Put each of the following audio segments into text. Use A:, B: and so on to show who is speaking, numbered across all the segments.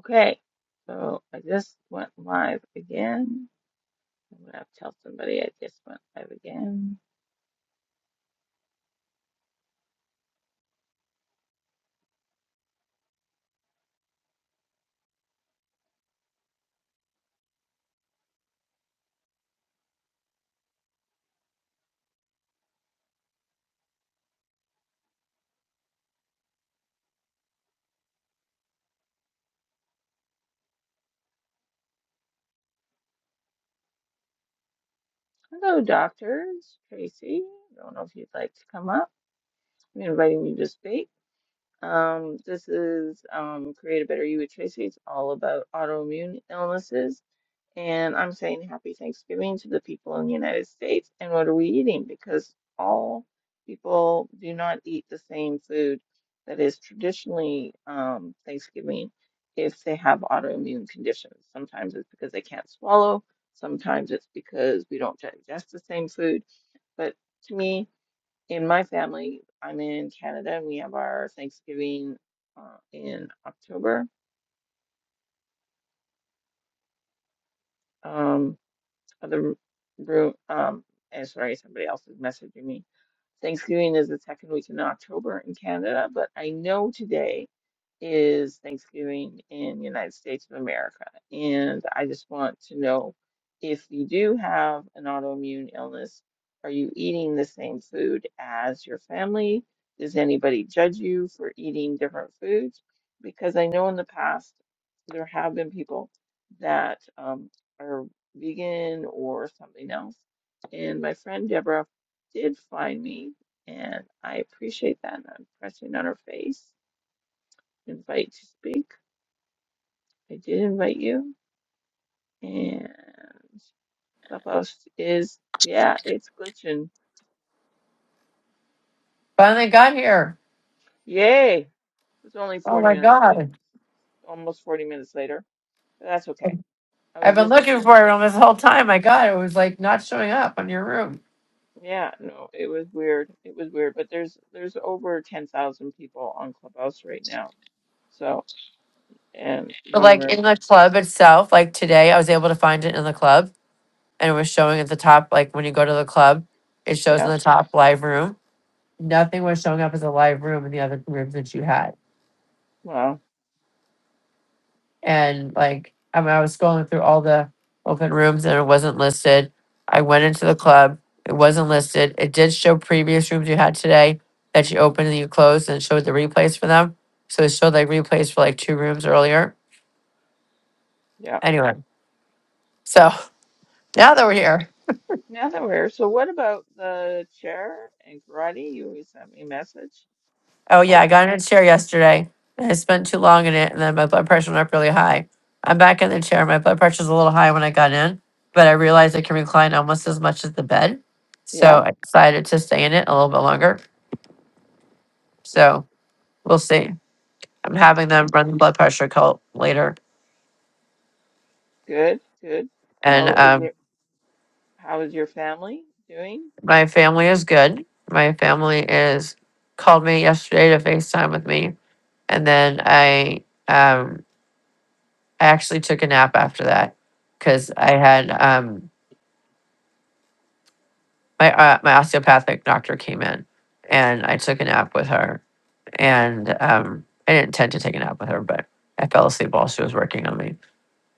A: Okay, so I just went live again. I'm gonna have to tell somebody I just went live again. Hello, doctors. Tracy, I don't know if you'd like to come up. I'm inviting you to speak. Um, this is um, Create a Better You with Tracy. It's all about autoimmune illnesses And I'm saying happy Thanksgiving to the people in the United States. And what are we eating? Because all people do not eat the same food that is traditionally um, Thanksgiving if they have autoimmune conditions. Sometimes it's because they can't swallow, sometimes it's because we don't digest the same food. But to me, in my family, I'm in Canada and we have our Thanksgiving uh, in October. Um, of the room. Um, and sorry, somebody else is messaging me. Thanksgiving is the second week in October in Canada, but I know today is Thanksgiving in the United States of America. And I just want to know if you do have an autoimmune illness, are you eating the same food as your family? Does anybody judge you for eating different foods? Because I know in the past there have been people that um, vegan or something else. And my friend Deborah did find me, and I appreciate that. And I'm pressing on her face, invite to speak. I did invite you, and Clubhouse is, yeah, it's glitching.
B: Finally got here.
A: Yay! It was only
B: Oh
A: 40
B: my
A: minutes later,
B: god.
A: almost 40 minutes later, but that's okay. I
B: I've
A: was
B: been
A: just
B: looking
A: saying,
B: for it all this whole time. My god, it was like not showing up on your room.
A: yeah, no, it was weird. It was weird, but there's there's over 10,000 people on Clubhouse right now. So, and
B: But
A: one
B: like
A: room
B: in the club itself, like today I was able to find it in the club and it was showing at the top, like when you go to the club, it shows in
A: Yeah.
B: the top live room. Nothing was showing up as a live room in the other rooms that you had.
A: Well,
B: and like I mean, I was going through all the open rooms and it wasn't listed. I went into the club, it wasn't listed. It did show previous rooms you had today that you opened and you closed, and it showed the replays for them. So it showed like replays for like two rooms earlier.
A: yeah.
B: Anyway, so now that we're here.
A: Now that we're here, so what about the chair and karate? You always sent me a message.
B: Oh yeah,
A: Oh,
B: I got in a chair yesterday. I spent too long in it, and then my blood pressure went up really high. I'm back in the chair. My blood pressure's a little high when I got in, but I realized I can recline almost as much as the bed,
A: yeah.
B: so I decided to stay in it a little bit longer. So we'll see. I'm having them
A: Okay.
B: run the blood pressure cult later,
A: Good. Good.
B: and
A: How is
B: um,
A: it? How is your family doing?
B: my family is good. My family is called me yesterday to FaceTime with me, and then I um, I actually took a nap after that because I had um, my uh, my osteopathic doctor came in and I took a nap with her and um I didn't intend to take a nap with her but I fell asleep while she was working on me.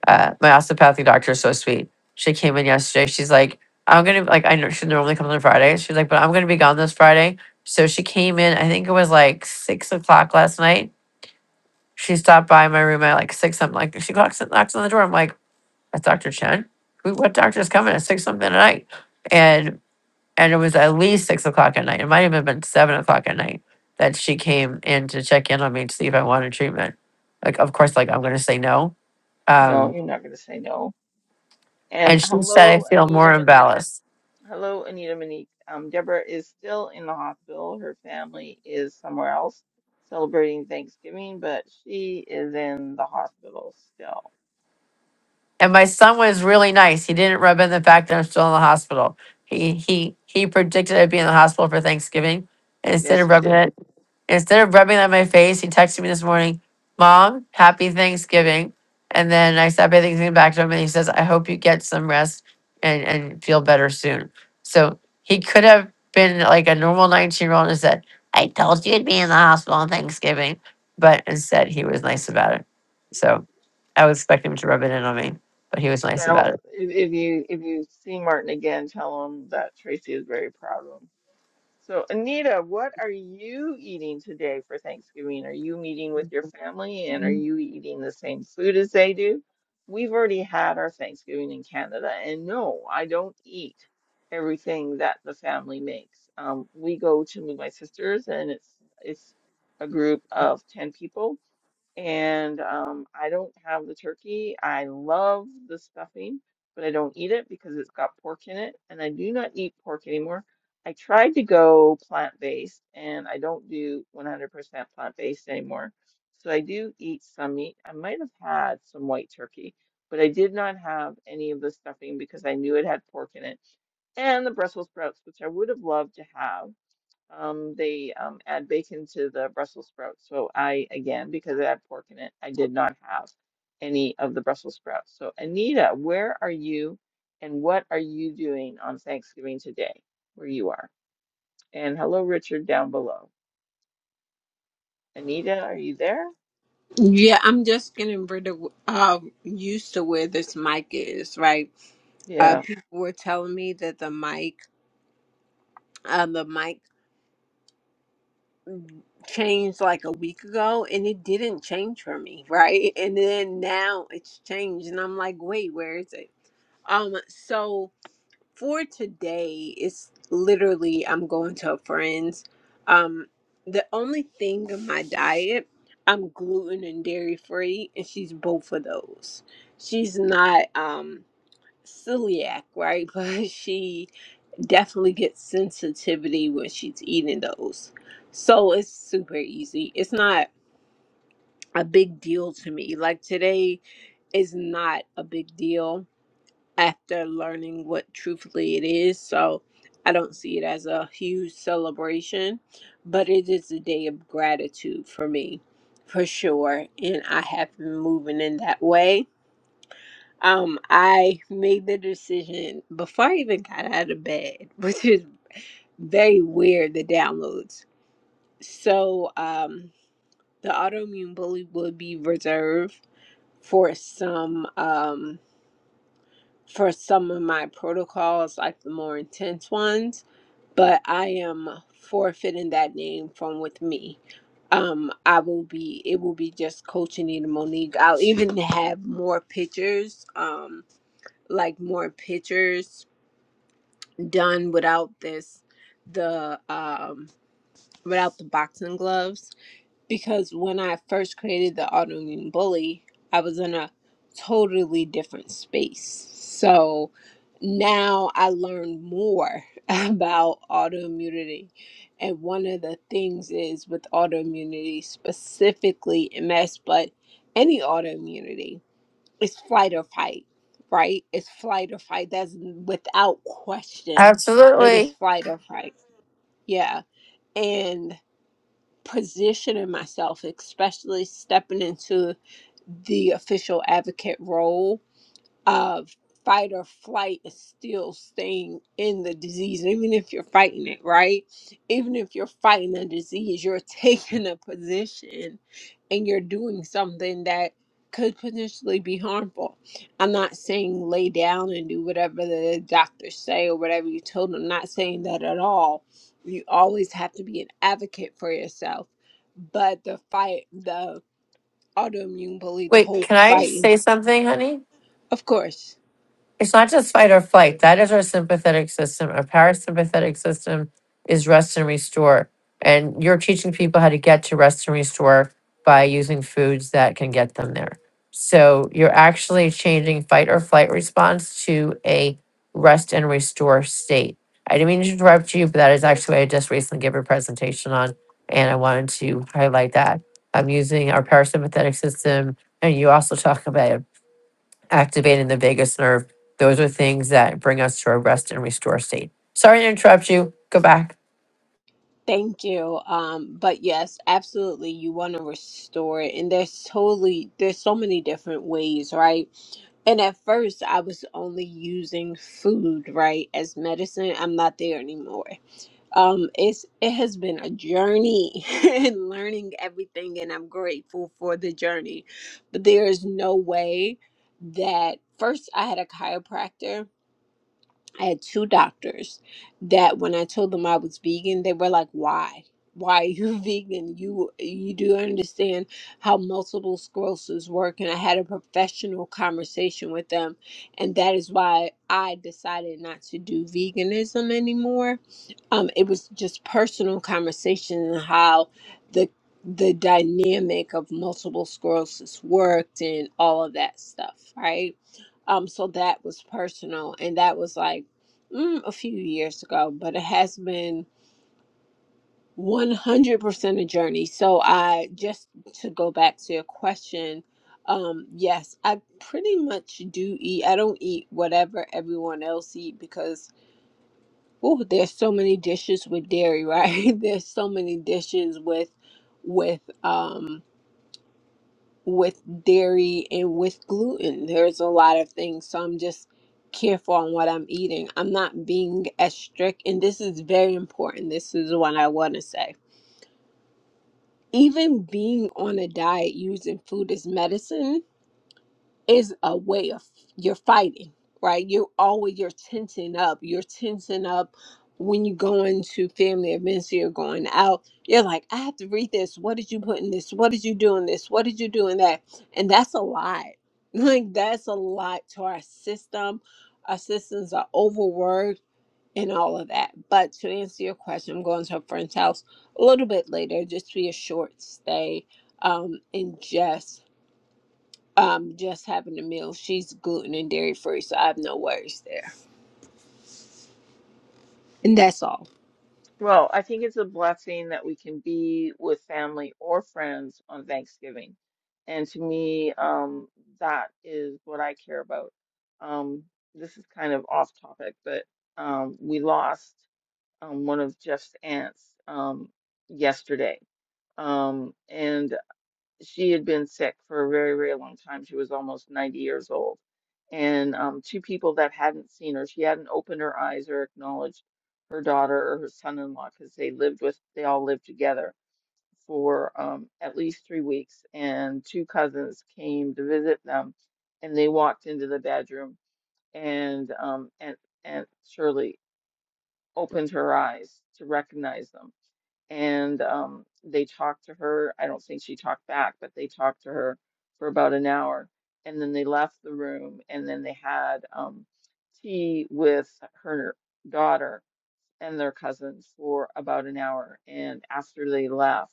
B: Uh, my osteopathic doctor is so sweet. She came in yesterday. She's like, I'm gonna like I know she normally comes on Fridays. She's like, but I'm gonna be gone this Friday. So she came in. I think it was like six o'clock last night. She stopped by my room at like six. I'm like, she knocks knocks on the door. I'm like, that's Doctor Chen. Who, what doctor's coming at six something at night? And and it was at least six o'clock at night. It might even have been seven o'clock at night that she came in to check in on me to see if I wanted treatment. Like, of course, like I'm going to say no.
A: No,
B: Um,
A: you're not going to say no. And
B: and she said, I
A: hello,
B: feel more
A: Anita Monique.
B: imbalanced.
A: Hello, Anita Monique. Um, Deborah is still in the hospital. Her family is somewhere else celebrating Thanksgiving, but she is in the hospital still.
B: And my son was really nice. He didn't rub in the fact that I'm still in the hospital. He he he predicted I'd be in the hospital for Thanksgiving. And instead
A: Yes,
B: of
A: she
B: rubbing
A: did.
B: it Instead of rubbing that in my face, he texted me this morning, Mom, happy Thanksgiving. And then I said happy Thanksgiving back to him and he says, I hope you get some rest and, and feel better soon. So he could have been like a normal 19 year old and said, I told you you'd be in the hospital on Thanksgiving. But instead, he was nice about it. So I was expecting him to rub it in on me, but he was nice
A: Now,
B: about
A: if, if you if you see Martin again, tell him that Tracy is very proud of him. So, Anita, what are you eating today for Thanksgiving? Are you meeting with your family and are
B: it.
A: you eating the same food as they do? We've already had our Thanksgiving in Canada, and no, I don't eat everything that the family makes. Um, we go to my sister's, and it's it's a group of 10 people and um, I don't have the turkey. I love the stuffing, but I don't eat it because it's got pork in it, and I do not eat pork anymore. I tried to go plant-based, and I don't do 100% plant-based anymore. So I do eat some meat. I might have had some white turkey, but I did not have any of the stuffing because I knew it had pork in it and the Brussels sprouts, which I would have loved to have um, they um, add bacon to the Brussels sprouts. So I, again, because it had pork in it, I did not have any of the Brussels sprouts. So Anita, where are you and what are you doing on Thanksgiving today, where you are? And hello, Richard, down below. Anita, are you there?
C: Yeah, I'm just getting rid of uh, used to where this mic is. Right,
A: Yeah.
C: uh, people were telling me that the mic, uh, the mic changed like a week ago, and it didn't change for me. Right, and then now it's changed, and I'm like, wait, where is it? Um, so. for today it's literally i'm going to a friend's um the only thing in my diet i'm gluten and dairy free and she's both of those she's not um celiac right but she definitely gets sensitivity when she's eating those so it's super easy it's not a big deal to me like today is not a big deal after learning what truthfully it is. So I don't see it as a huge celebration, but it is a day of gratitude for me, for sure. And I have been moving in that way. Um, I made the decision before I even got out of bed, which is very weird, the downloads. So um, the autoimmune bully would be reserved for some. Um, for some of my protocols, like the more intense ones, but I am forfeiting that name from with me. Um, I will be it will be just Coach Anita Monique. I'll even have more pictures, um, like more pictures done without this the um without the boxing gloves because when I first created the autoimmune bully, I was in a totally different space. So now I learned more about autoimmunity. And one of the things is with autoimmunity, specifically MS, but any autoimmunity, it's flight or fight, right? It's flight or fight. That's without question. It is
B: Absolutely.
C: flight or fight. Yeah. and positioning myself, especially stepping into the official advocate role of fight or flight is still staying in the disease, even if you're fighting it, right? Even if you're fighting a disease, you're taking a position and you're doing something that could potentially be harmful. I'm not saying lay down and do whatever the doctors say or whatever you told them. I'm not saying that at all. You always have to be an advocate for yourself. But the fight, the autoimmune bully, the
B: Wait,
C: whole
B: can I
C: fighting,
B: say something, honey?
C: of course
B: It's not just fight or flight. That is our sympathetic system. Our parasympathetic system is rest and restore. And you're teaching people how to get to rest and restore by using foods that can get them there. So you're actually changing fight or flight response to a rest and restore state. I didn't mean to interrupt you, but that is actually what I just recently gave a presentation on. And I wanted to highlight that. I'm using our parasympathetic system. And you also talk about activating the vagus nerve. Those are things that bring us to a rest and restore state. Sorry to interrupt you. Go back.
C: Thank you. Um, but yes, absolutely, you want to restore it, and there's totally there's so many different ways, right? And at first, I was only using food, right, as medicine. I'm not there anymore. Um, it's it has been a journey in learning everything, and I'm grateful for the journey. But there is no way that first I had a chiropractor I had two doctors that when I told them I was vegan, they were like, "Why? Why are you vegan? You you do understand how multiple sclerosis work?" And I had a professional conversation with them, and that is why I decided not to do veganism anymore. Um, it was just personal conversation and how the the dynamic of multiple sclerosis worked and all of that stuff, right? Um, so that was personal, and that was like mm, a few years ago, but it has been 100% a journey. So I just to go back to your question, um, yes, I pretty much do eat. I don't eat whatever everyone else eat because oh, there's so many dishes with dairy, right? there's so many dishes with with um with dairy and with gluten. There's a lot of things. So I'm just careful on what I'm eating. I'm not being as strict. And this is very important. This is what I want to say. Even being on a diet using food as medicine is a way of you're fighting, right? You're always you're tensing up. You're tensing up when you go into family events, you're going out, you're like, I have to read this. What did you put in this? What did you do in this? What did you do in that? And that's a lot. Like that's a lot to our system. Our systems are overworked and all of that. But to answer your question, I'm going to a friend's house a little bit later, just be a short stay. Um, and just um just having a meal she's gluten and dairy free so i have no worries there and that's all
A: Well, I think it's a blessing that we can be with family or friends on Thanksgiving. And to me, um, that is what I care about. Um, this is kind of off topic, but um, we lost um, one of Jeff's aunts um, yesterday. Um, and she had been sick for a very, very long time. She was almost 90 years old. And um, two people that hadn't seen her, she hadn't opened her eyes or acknowledged her daughter or her son-in-law because they lived with, they all lived together for um, at least three weeks. And two cousins came to visit them, and they walked into the bedroom, and um, and Aunt Aunt Shirley opened her eyes to recognize them and um, they talked to her. I don't think she talked back, but they talked to her for about an hour, and then they left the room, and then they had um, tea with her daughter and their cousin for about an hour. And after they left,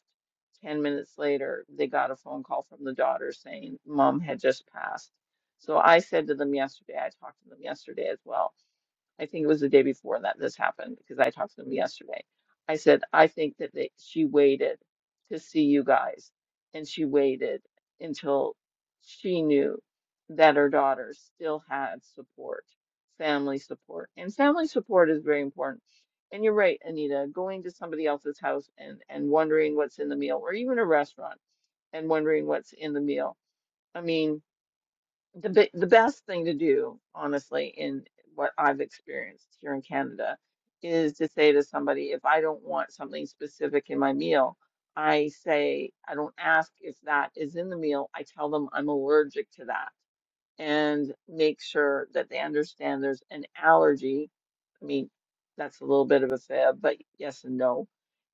A: 10 minutes later, they got a phone call from the daughter saying mom had just passed. So I said to them yesterday, I talked to them yesterday as well I think it was the day before that this happened because I talked to them yesterday. I said, I think that they, she waited to see you guys, and she waited until she knew that her daughter still had support, family support. And family support is very important. And you're right, Anita, going to somebody else's house and, and wondering what's in the meal, or even a restaurant and wondering what's in the meal. I mean, the be- the best thing to do, honestly, in what I've experienced here in Canada, is to say to somebody, if I don't want something specific in my meal, I say, I don't ask if that is in the meal. I tell them I'm allergic to that and make sure that they understand there's an allergy. I mean, that's a little bit of a fib, but yes and no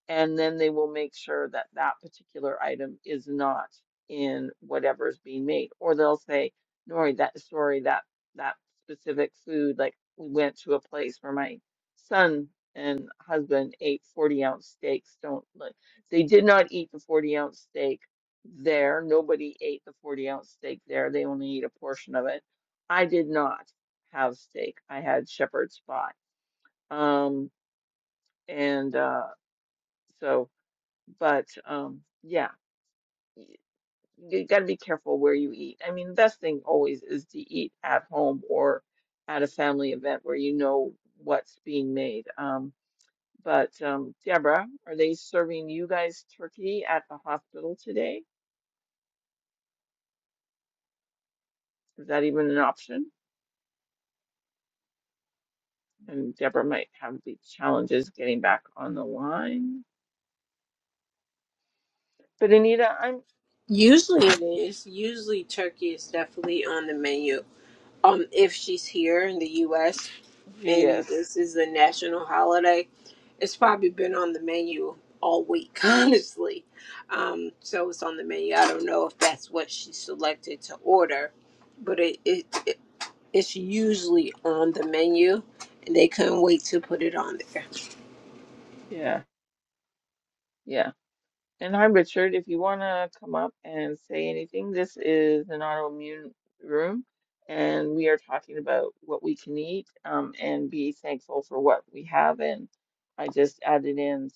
A: and then they will make sure that that particular item is not in whatever is being made. Or they'll say, "Nori, that sorry, that that specific food, like we went to a place where my son and husband ate 40 ounce steaks. Don't like they did not eat the 40 ounce steak there. Nobody ate the 40 ounce steak there. They only ate a portion of it. I did not have steak. I had shepherd's pie. Um, and uh, so. But um, yeah, y- you got to be careful where you eat. I mean, the best thing always is to eat at home or at a family event where you know what's being made. Um, but um, Deborah, are they serving you guys turkey at the hospital today? Is that even an option? And Deborah might have the challenges getting back on the line. But Anita, I'm,
C: usually it is usually turkey is definitely on the menu um if she's here in the us
A: she
C: and
A: is.
C: this is a national holiday it's probably been on the menu all week honestly um so it's on the menu i don't know if that's what she selected to order but it, it, it it's usually on the menu and they couldn't wait to put it on there
A: Yeah, yeah. And hi, Richard. If you want to come up and say anything, this is an autoimmune room, and we are talking about what we can eat um, and be thankful for what we have. And I just added in,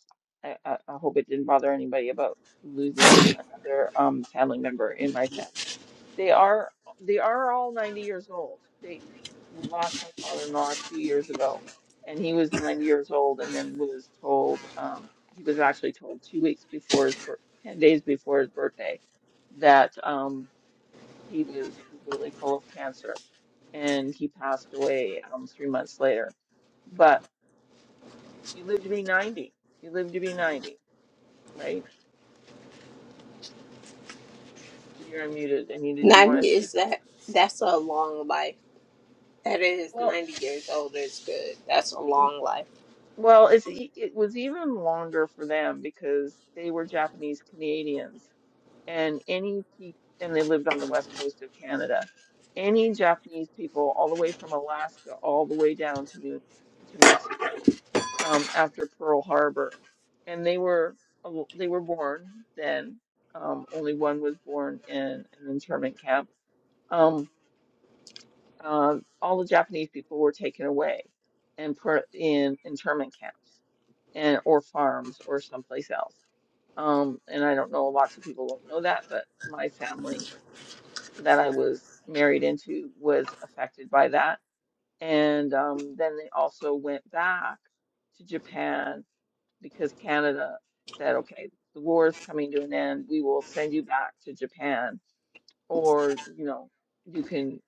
A: I, I, I hope it didn't bother anybody about losing another um, family member in my family. They are they are all 90 years old. They we lost my father-in-law two years ago and he was nine years old and then was told um, he was actually told two weeks before his birth 10 days before his birthday that um, he was completely full of cancer and he passed away um, three months later but you lived to be 90 you lived to be 90 right you're unmuted and did you want to
C: Ninety
A: say
C: is
A: something
C: that? That's a long life. That is
A: well
C: ninety years old. Is good. That's a long life.
A: well it's e- it was even longer for them because they were Japanese Canadians and any people, and they lived on the west coast of Canada. Any Japanese people, all the way from Alaska, all the way down to New to Mexico, um, after Pearl Harbor, and they were al- they were born then. Um, only one was born in an internment camp. Um, uh, all the Japanese people were taken away and put in internment camps and or farms or someplace else. Um, and I don't know, lots of people don't know that, but my family that I was married into was affected by that. And um, then they also went back to Japan because Canada said, okay, the war is coming to an end. We will send you back to Japan, or you know, you can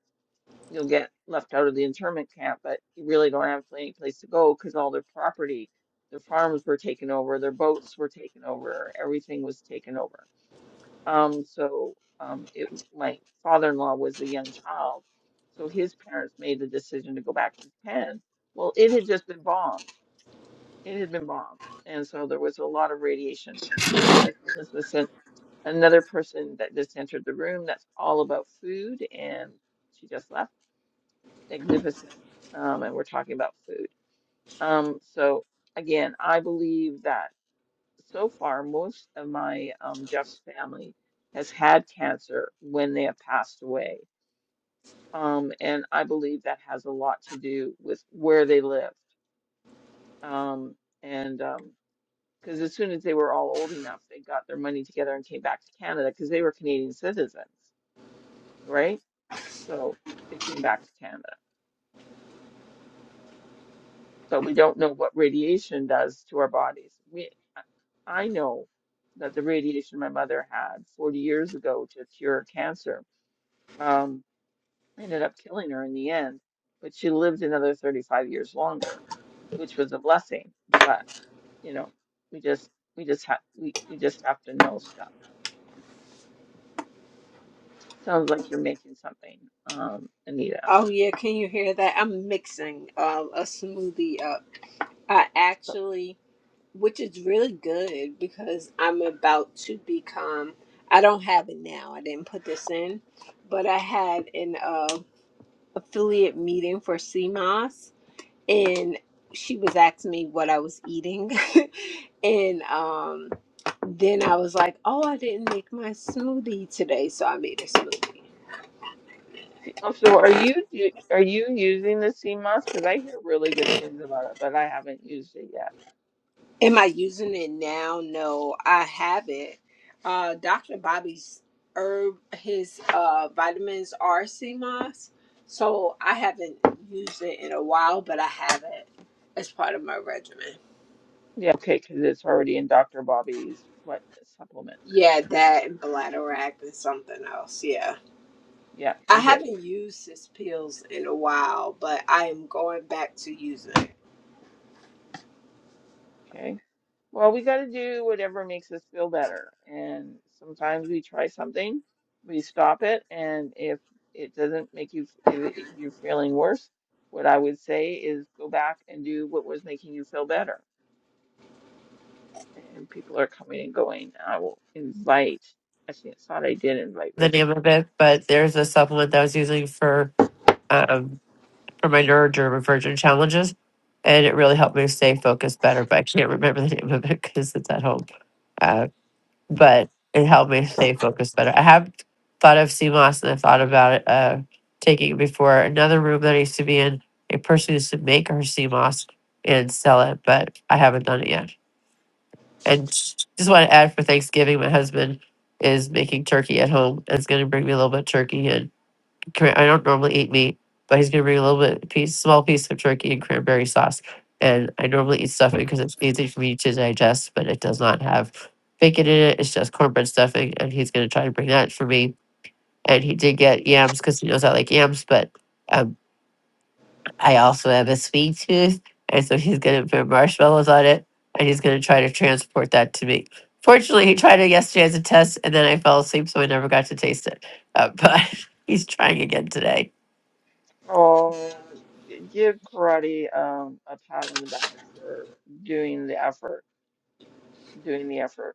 A: you'll get left out of the internment camp, but you really don't have any place to go because all their property, their farms were taken over, their boats were taken over, everything was taken over um, so um, it, my father-in-law was a young child, so his parents made the decision to go back to Japan. Well, it had just been bombed. It had been bombed, and so there was a lot of radiation. And this, this was sent- another person that just entered the room. That's all about food, and she just left. Magnificent. Um, and we're talking about food. Um, so again, I believe that so far, most of my um, Jeff's family has had cancer when they have passed away. Um, and I believe that has a lot to do with where they lived. Um, and because as soon as they were all old enough, they got their money together and came back to Canada because they were Canadian citizens, right? So they came back to Canada. But we don't know what radiation does to our bodies. We, I I know that the radiation my mother had 40 years ago to cure cancer Um, ended up killing her in the end, but she lived another 35 years longer, which was a blessing. But, you know, we just we just have we, we just have to know stuff. Sounds like you're making something, um, Anita.
C: Oh yeah, can you hear that? I'm mixing um, a smoothie up. I
A: So,
C: actually, which is really good because I'm about to become. I don't have it now. I didn't put this in, but I had an uh, affiliate meeting for CMOS and she was asking me what I was eating. and um, then I was like, oh, I didn't make my smoothie today, so I made a smoothie.
A: oh, so are you you- are you using the CMOS? Because I hear really good things about it, but I haven't used it yet.
C: Am I using it now? No, I haven't. Uh, Dr. Bobby's herb, his uh, vitamins are sea moss. so I haven't used it in a while, but I have it as part of my regimen.
A: Yeah, okay, because it's already in Dr. Bobby's what supplements.
C: Yeah, that and bladder act and something else. Yeah.
A: Yeah,
C: I
A: well, good.
C: haven't used his pills in a while, but I am going back to using it.
A: Okay. Well, we got to do whatever makes us feel better. And sometimes we try something, we stop it, and if it doesn't make you, if, if you're feeling worse, what I would say is go back and do what was making you feel better. And people are coming and going. I will invite, actually, I thought I did invite
B: The name
A: Richard.
B: of it, but there's a supplement that I was using for um, for my neurodivergent challenges, and it really helped me stay focused better. But I can't remember the name of it because it's at home. Uh, but it helped me stay focused better. I have thought of CMOS and I thought about it, uh, taking it before. Another room that I used to be in, a person used to make her CMOS and sell it, but I haven't done it yet. and j- just want to add for Thanksgiving, my husband is making turkey at home. It's going to bring me a little bit of turkey and cran- I don't normally eat meat, but he's going to bring a little bit piece, small piece of turkey and cranberry sauce. And I normally eat stuffing because it's easy for me to digest, but it does not have bacon in it. It's just cornbread stuffing, and he's going to try to bring that for me. And he did get yams because he knows I like yams, but um, I also have a sweet tooth, and so he's gonna put marshmallows on it, and he's gonna try to transport that to me. Fortunately, he tried it yesterday as a test, and then I fell asleep, so I never got to taste it. Uh, but he's trying again today.
A: Oh, g- give karate um, a pat on the back for doing the effort, doing the effort.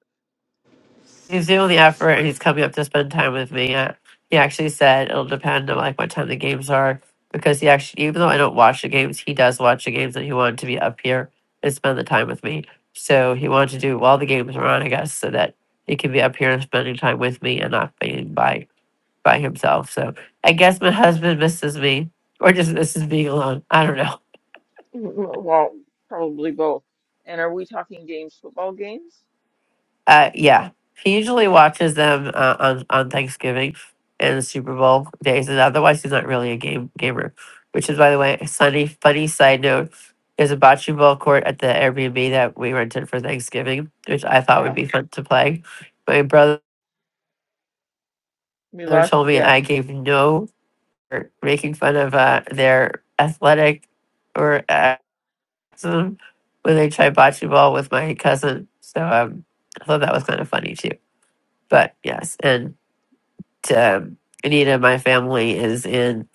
B: he's doing the effort and he's coming up to spend time with me. Uh, he actually said it'll depend on like what time the games are because he actually, even though I don't watch the games, he does watch the games and he wanted to be up here and spend the time with me. So he wanted to do while the games are on, I guess, so that he can be up here and spending time with me and not being by by himself. So I guess my husband misses me or just misses being alone. I don't know.
A: Mm, Well, probably both. And are we talking games, football games?
B: Uh, yeah, he usually
A: Yeah,
B: watches them uh, on on Thanksgiving and the Super Bowl days, and otherwise he's not really a game gamer. Which is, by the way, a sunny funny side note. There's a bocce ball court at the Airbnb that we rented for Thanksgiving, which I thought would
A: yeah.
B: be fun to play. My brother
A: We lost
B: told
A: you.
B: me
A: Yeah.
B: I gave no for making fun of uh, their athletic or athleticism when they tried bocce ball with my cousin. So um, I thought that was kind of funny too. But yes, and uh, Anita, my family is in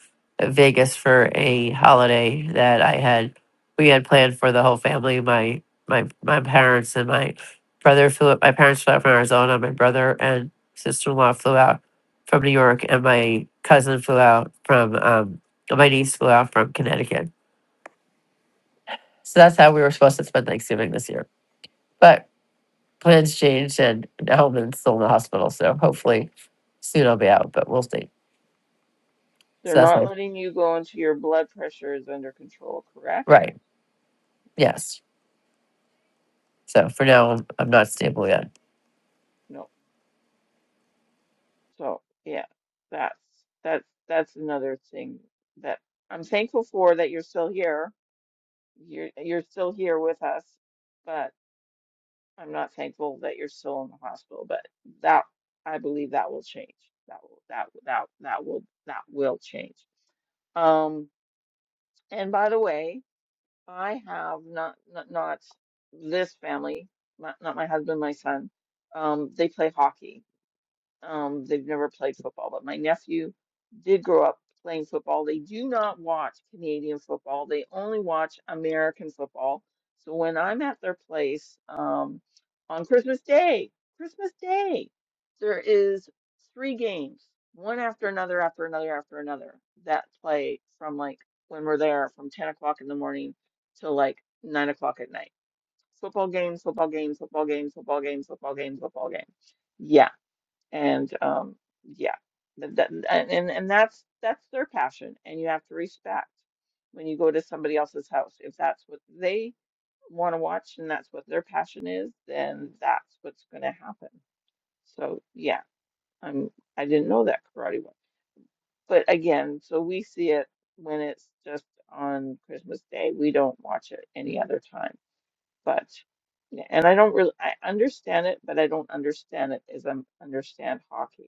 B: Vegas for a holiday that I had we had planned for the whole family. My my my parents and my brother flew. My parents flew out from Arizona. My brother and sister in law flew out from New York, and my cousin flew out from um, my niece flew out from Connecticut. So that's how we were supposed to spend Thanksgiving this year, but plans changed, and Hellman's still in the hospital. So hopefully soon I'll be out, but we'll see.
A: They're
B: So that's
A: not
B: my-
A: letting you go until your blood pressure is under control, correct?
B: right.
A: Yeah.
B: Yes. So for now, I'm, I'm not stable yet.
A: No. So, yeah, that's that's that's another thing that I'm thankful for that you're still here. You're you're still here with us, but I'm not thankful that you're still in the hospital. But that I believe that will change. That will that that that will that will change. Um And by the way, I have not not, not this family, not, not my husband, my son. Um, they play hockey. Um, they've never played football, but my nephew did grow up playing football. They do not watch Canadian football. They only watch American football. So when I'm at their place, um, on Christmas Day, Christmas Day, there is three games, one after another, after another, after another, that play from like when we're there from 10 o'clock in the morning till like nine o'clock at night. Football games, football games, football games, football games, football games, football games. Yeah and um yeah th- that, and and and that's that's their passion and you have to respect when you go to somebody else's house if that's what they want to watch and that's what their passion is then that's what's going to happen so yeah i'm i didn't know that karate one but again so we see it when it's just on christmas day we don't watch it any other time but and i don't really i understand it but i don't understand it as i understand hockey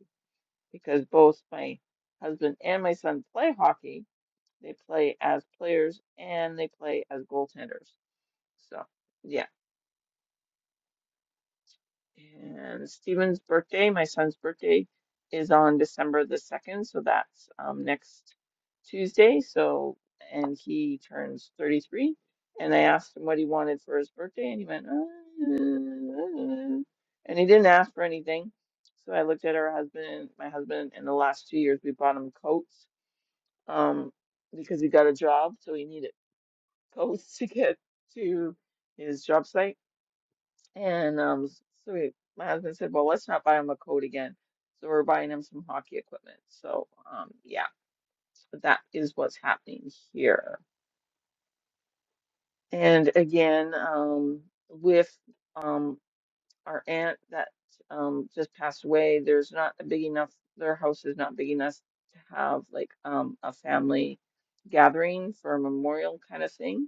A: because both my husband and my son play hockey. They play as players and they play as goaltenders. So, yeah. And Steven's birthday, my son's birthday, is on December the 2nd. So that's um, next Tuesday. So, and he turns 33. And I asked him what he wanted for his birthday, and he went, "Uh," uh, uh," and he didn't ask for anything. So I looked at our husband, my husband, and the last two years, we bought him coats um, because he got a job, so he needed coats to get to his job site. And um, s- so he, my husband said, "Well, let's not buy him a coat again." So we're buying him some hockey equipment. So um, yeah, so that is what's happening here. And again, um, with um, our aunt that um, just passed away, there's not a big enough. Their house is not big enough to have like um, a family gathering for a memorial kind of thing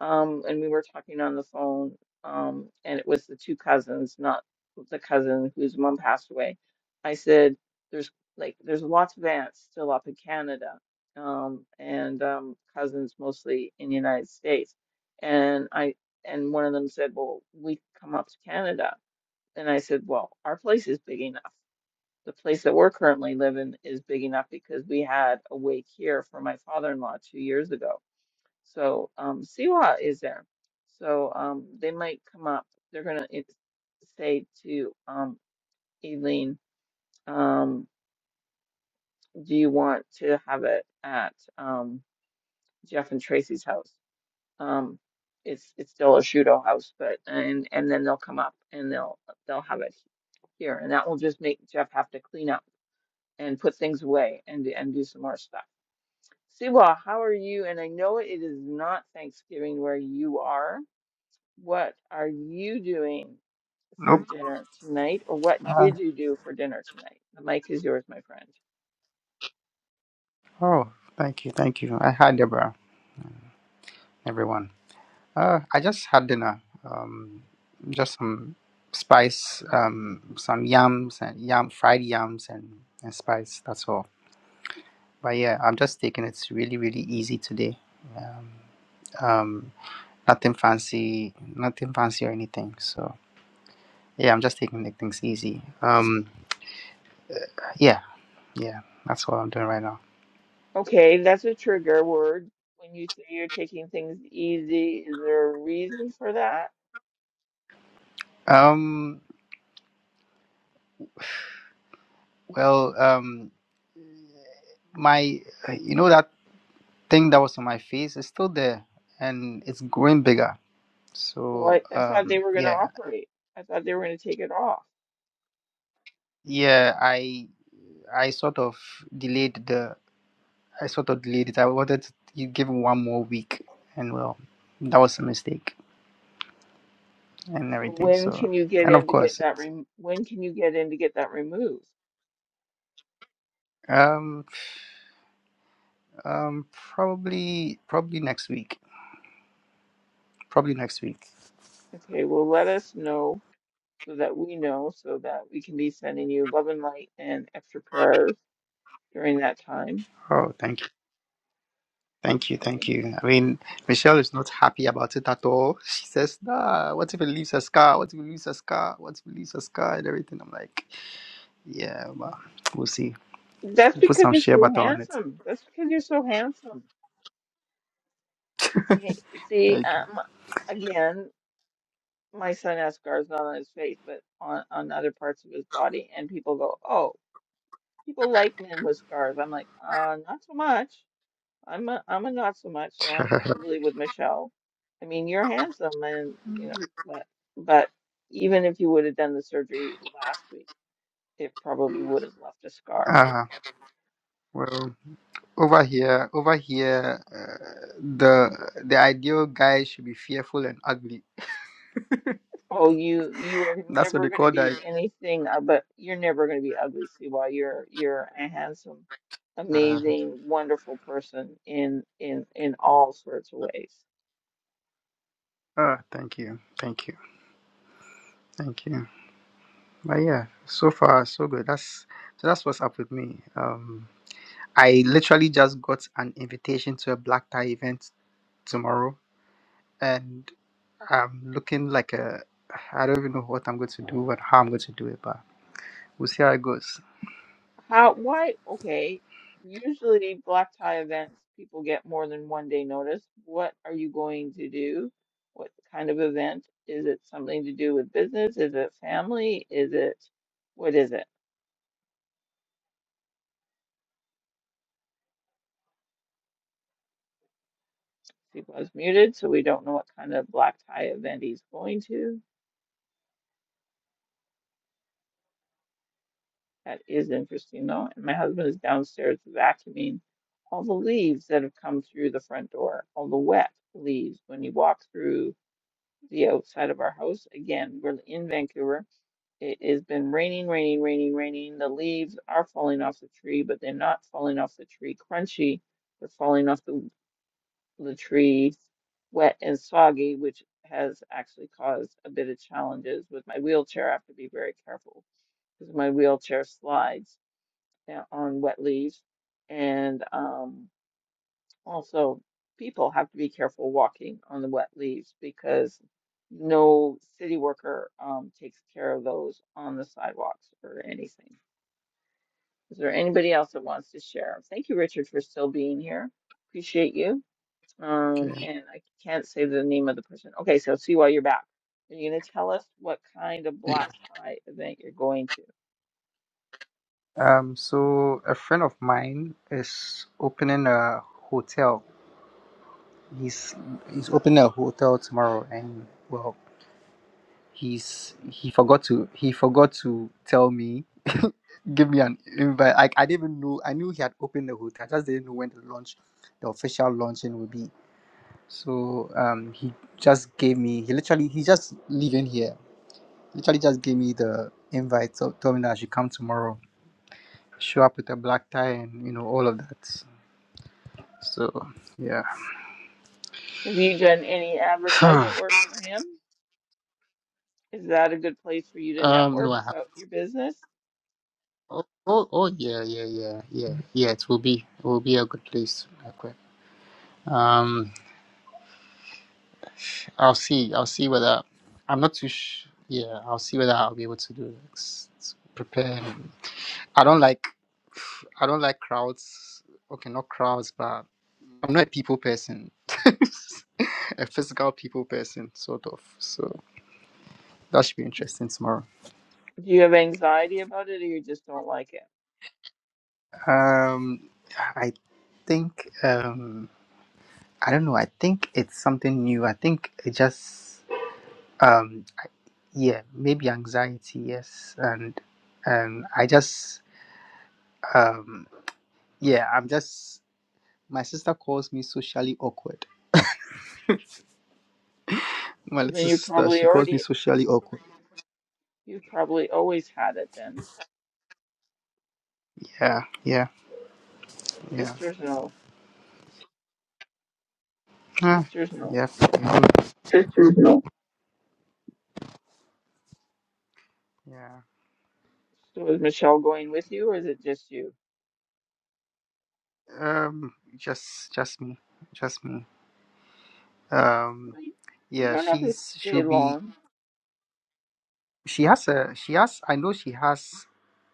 A: um, and we were talking on the phone, um, and it was the two cousins, not the cousin whose mom passed away. I said, "There's like there's lots of aunts still up in Canada, um, and um, cousins mostly in the United States." And I and one of them said, "Well, we come up to Canada," and I said, "Well, our place is big enough." The place that we're currently living is big enough because we had a wake here for my father-in-law two years ago so um, Siwa is there. So um, they might come up. They're gonna say to um, Aileen, um, "Do you want to have it at um, Jeff and Tracy's house?" Um, it's it's still a Shudo house, but and and then they'll come up and they'll they'll have it here, and that will just make Jeff have to clean up and put things away and and do some more stuff. Siwa, how are you? And I know it is not Thanksgiving where you are. What are you doing for
D: Nope.
A: dinner tonight? Or what did you do for dinner tonight? The mic is yours, my friend.
D: Oh, thank you, thank you. I hi Deborah, everyone. Uh, I just had dinner. Um, just some spice, um, some yams and yam fried yams and, and spice. That's all. But yeah, I'm just taking it really, really easy today. Um, um, nothing fancy, nothing fancy or anything. So yeah, I'm just taking the things easy. Um, yeah, yeah. That's what I'm doing right now.
A: Okay, that's a trigger word. When you say you're taking things easy, is there a reason for that?
D: Um, well, um, my, you know that. thing that was on my face is still there and it's growing bigger
A: Well,
D: so
A: I, I thought they
D: um
A: were going to
D: yeah
A: operate. I thought they were going to take it off.
D: yeah i i sort of delayed the i sort of delayed it i wanted to you give it one more week and well that was a mistake and
A: So
D: everything
A: when
D: so
A: can you get
D: and
A: in
D: of
A: to get
D: course
A: that
D: it's
A: rem when can you get in to get that removed?
D: um um probably probably next week probably next week
A: Okay, well, let us know so that we know so that we can be sending you love and light and extra prayers during that time.
D: oh thank you Thank you,
A: Okay.
D: thank you. I mean, Michelle is not happy about it at all. She says, "Nah, what if it leaves a scar? What if it leaves a scar? What if it leaves a scar and everything?" I'm like, "Yeah, well, we'll see.
A: That's
D: We'll put
A: because
D: some
A: you're
D: share
A: so
D: butter on it."
A: handsome. That's because you're so handsome. See, see,
D: Thank you.
A: um, again, my son has scars not on his face, but on on other parts of his body, and people go, "Oh, people like men with scars." I'm like, uh, not so much. I'm a I'm a not so much, so I'm probably with Michelle. I mean, you're handsome, and you know, but but even if you would have done the surgery last week, it probably would have left a scar.
D: uh, well, over here, over here, uh, the the ideal guy should be fearful and ugly.
A: Oh, you you are
D: That's what
A: never
D: they
A: going to
D: call
A: be
D: that.
A: anything uh, but you're never going to be ugly, Siwa. You're you're a handsome,
D: uh
A: amazing, wonderful person in in in all sorts of ways.
D: Ah, thank you, thank you, thank you. But yeah, so far so good. That's so that's what's up with me. Um, I literally just got an invitation to a black tie event tomorrow, and I'm looking like a. I don't even know what I'm going to do and how I'm going to do it, but we'll see how it goes.
A: How, why, okay. Usually black tie events, people get more than one day notice. What are you going to do? What kind of event? Is it something to do with business? Is it family? Is it what is it? People is muted, so we don't know what kind of black tie event he's going to. That is interesting, though. And my husband is downstairs vacuuming all the leaves that have come through the front door, all the wet leaves. When you walk through the outside of our house, again, we're in Vancouver. It has been raining, raining, raining, raining. The leaves are falling off the tree, but they're not falling off the tree crunchy. They're falling off the, the tree wet and soggy, which has actually caused a bit of challenges with my wheelchair. I have to be very careful because my wheelchair slides and on wet leaves. And um, also, people have to be careful walking on the wet leaves because no city worker um, takes care of those on the sidewalks or anything. Is there anybody else that wants to share? Thank you, Richard, for still being here. Appreciate you. Um,
D: Okay.
A: and I can't say the name of the person. Okay, so see why you're back. Are you going to tell us what kind of
D: Yeah.
A: black tie event you're going to?
D: Um. So a friend of mine is opening a hotel. He's he's opening a hotel tomorrow, and well, he's he forgot to he forgot to tell me give me an invite like i didn't even know i knew he had opened the hotel i just didn't know when the launch the official launching would be so um he just gave me he literally he just leaving here literally just gave me the invite so told me that i should come tomorrow show up with a black tie and you know all of that so yeah
A: Have you done any advertisement work for him? Is that a good place for you to
D: um no
A: network
D: i have
A: about your business?
D: oh oh, oh yeah yeah yeah yeah yeah it will be it will be a good place okay. um I'll see. I'll see whether I'm not too. Sh- yeah, I'll see whether I'll be able to do this. Prepare. I don't like. I don't like crowds. Okay, not crowds, but I'm not a people person. a physical people person, sort of. So that should be
A: Do
D: interesting tomorrow.
A: you have anxiety about it or you just don't like it?
D: Um, I think. Um, I don't know. I think it's something new. I think it just. Um, yeah, maybe anxiety. Yes, and um, I just Um, yeah, I'm just. My sister calls me socially awkward. My
A: Well, then
D: little
A: you
D: sister,
A: probably
D: she calls me
A: already,
D: socially awkward.
A: you've probably always had it then.
D: Yeah, yeah, yeah.
A: Sisters no,
D: Ah,
A: Sisters no.
D: yeah, yeah. yeah.
A: So is Michelle going with you or is it just you?
D: Um, just, just me, just me. Um,
A: Well, you, you
D: yeah,
A: don't have to
D: she's she'll
A: stay
D: be.
A: long.
D: She has a. She has. I know she has.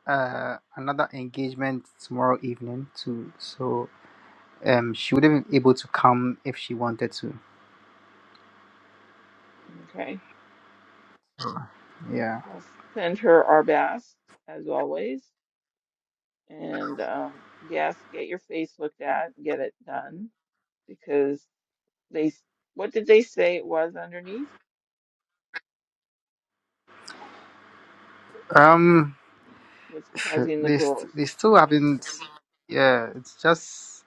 D: Uh, another engagement tomorrow evening too. So, um, she wouldn't be able to come if she wanted to.
A: Okay.
D: Yeah.
A: Well, send her our best as always. And um, yes, get your face looked at, get it done because they, s- what did they say it was underneath?
D: Um.
A: what's causing the
D: these
A: growth.
D: these two haven't yeah it's just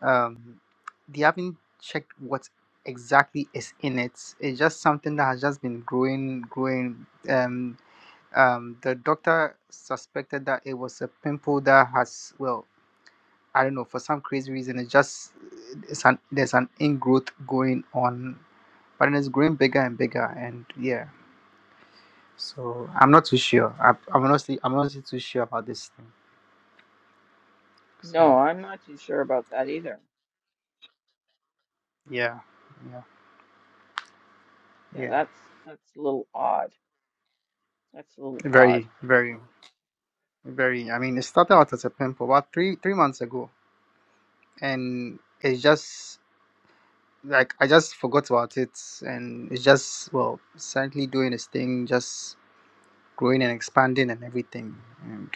D: um they haven't checked what exactly is in it it's just something that has just been growing growing um um the doctor suspected that it was a pimple that has well i don't know for some crazy reason it just it's an there's an ingrowth going on but then it's growing bigger and bigger and yeah so i'm not too sure I, i'm honestly i'm honestly too sure about this thing so
A: No, I'm not too sure about that either.
D: Yeah, yeah,
A: Yeah,
D: yeah.
A: that's that's a little odd. That's a little odd.
D: Very, very, very. I mean, it started out as a pimple about three three months ago, and it's just like I just forgot about it, and it's just well, sadly doing its thing, just growing and expanding and everything, and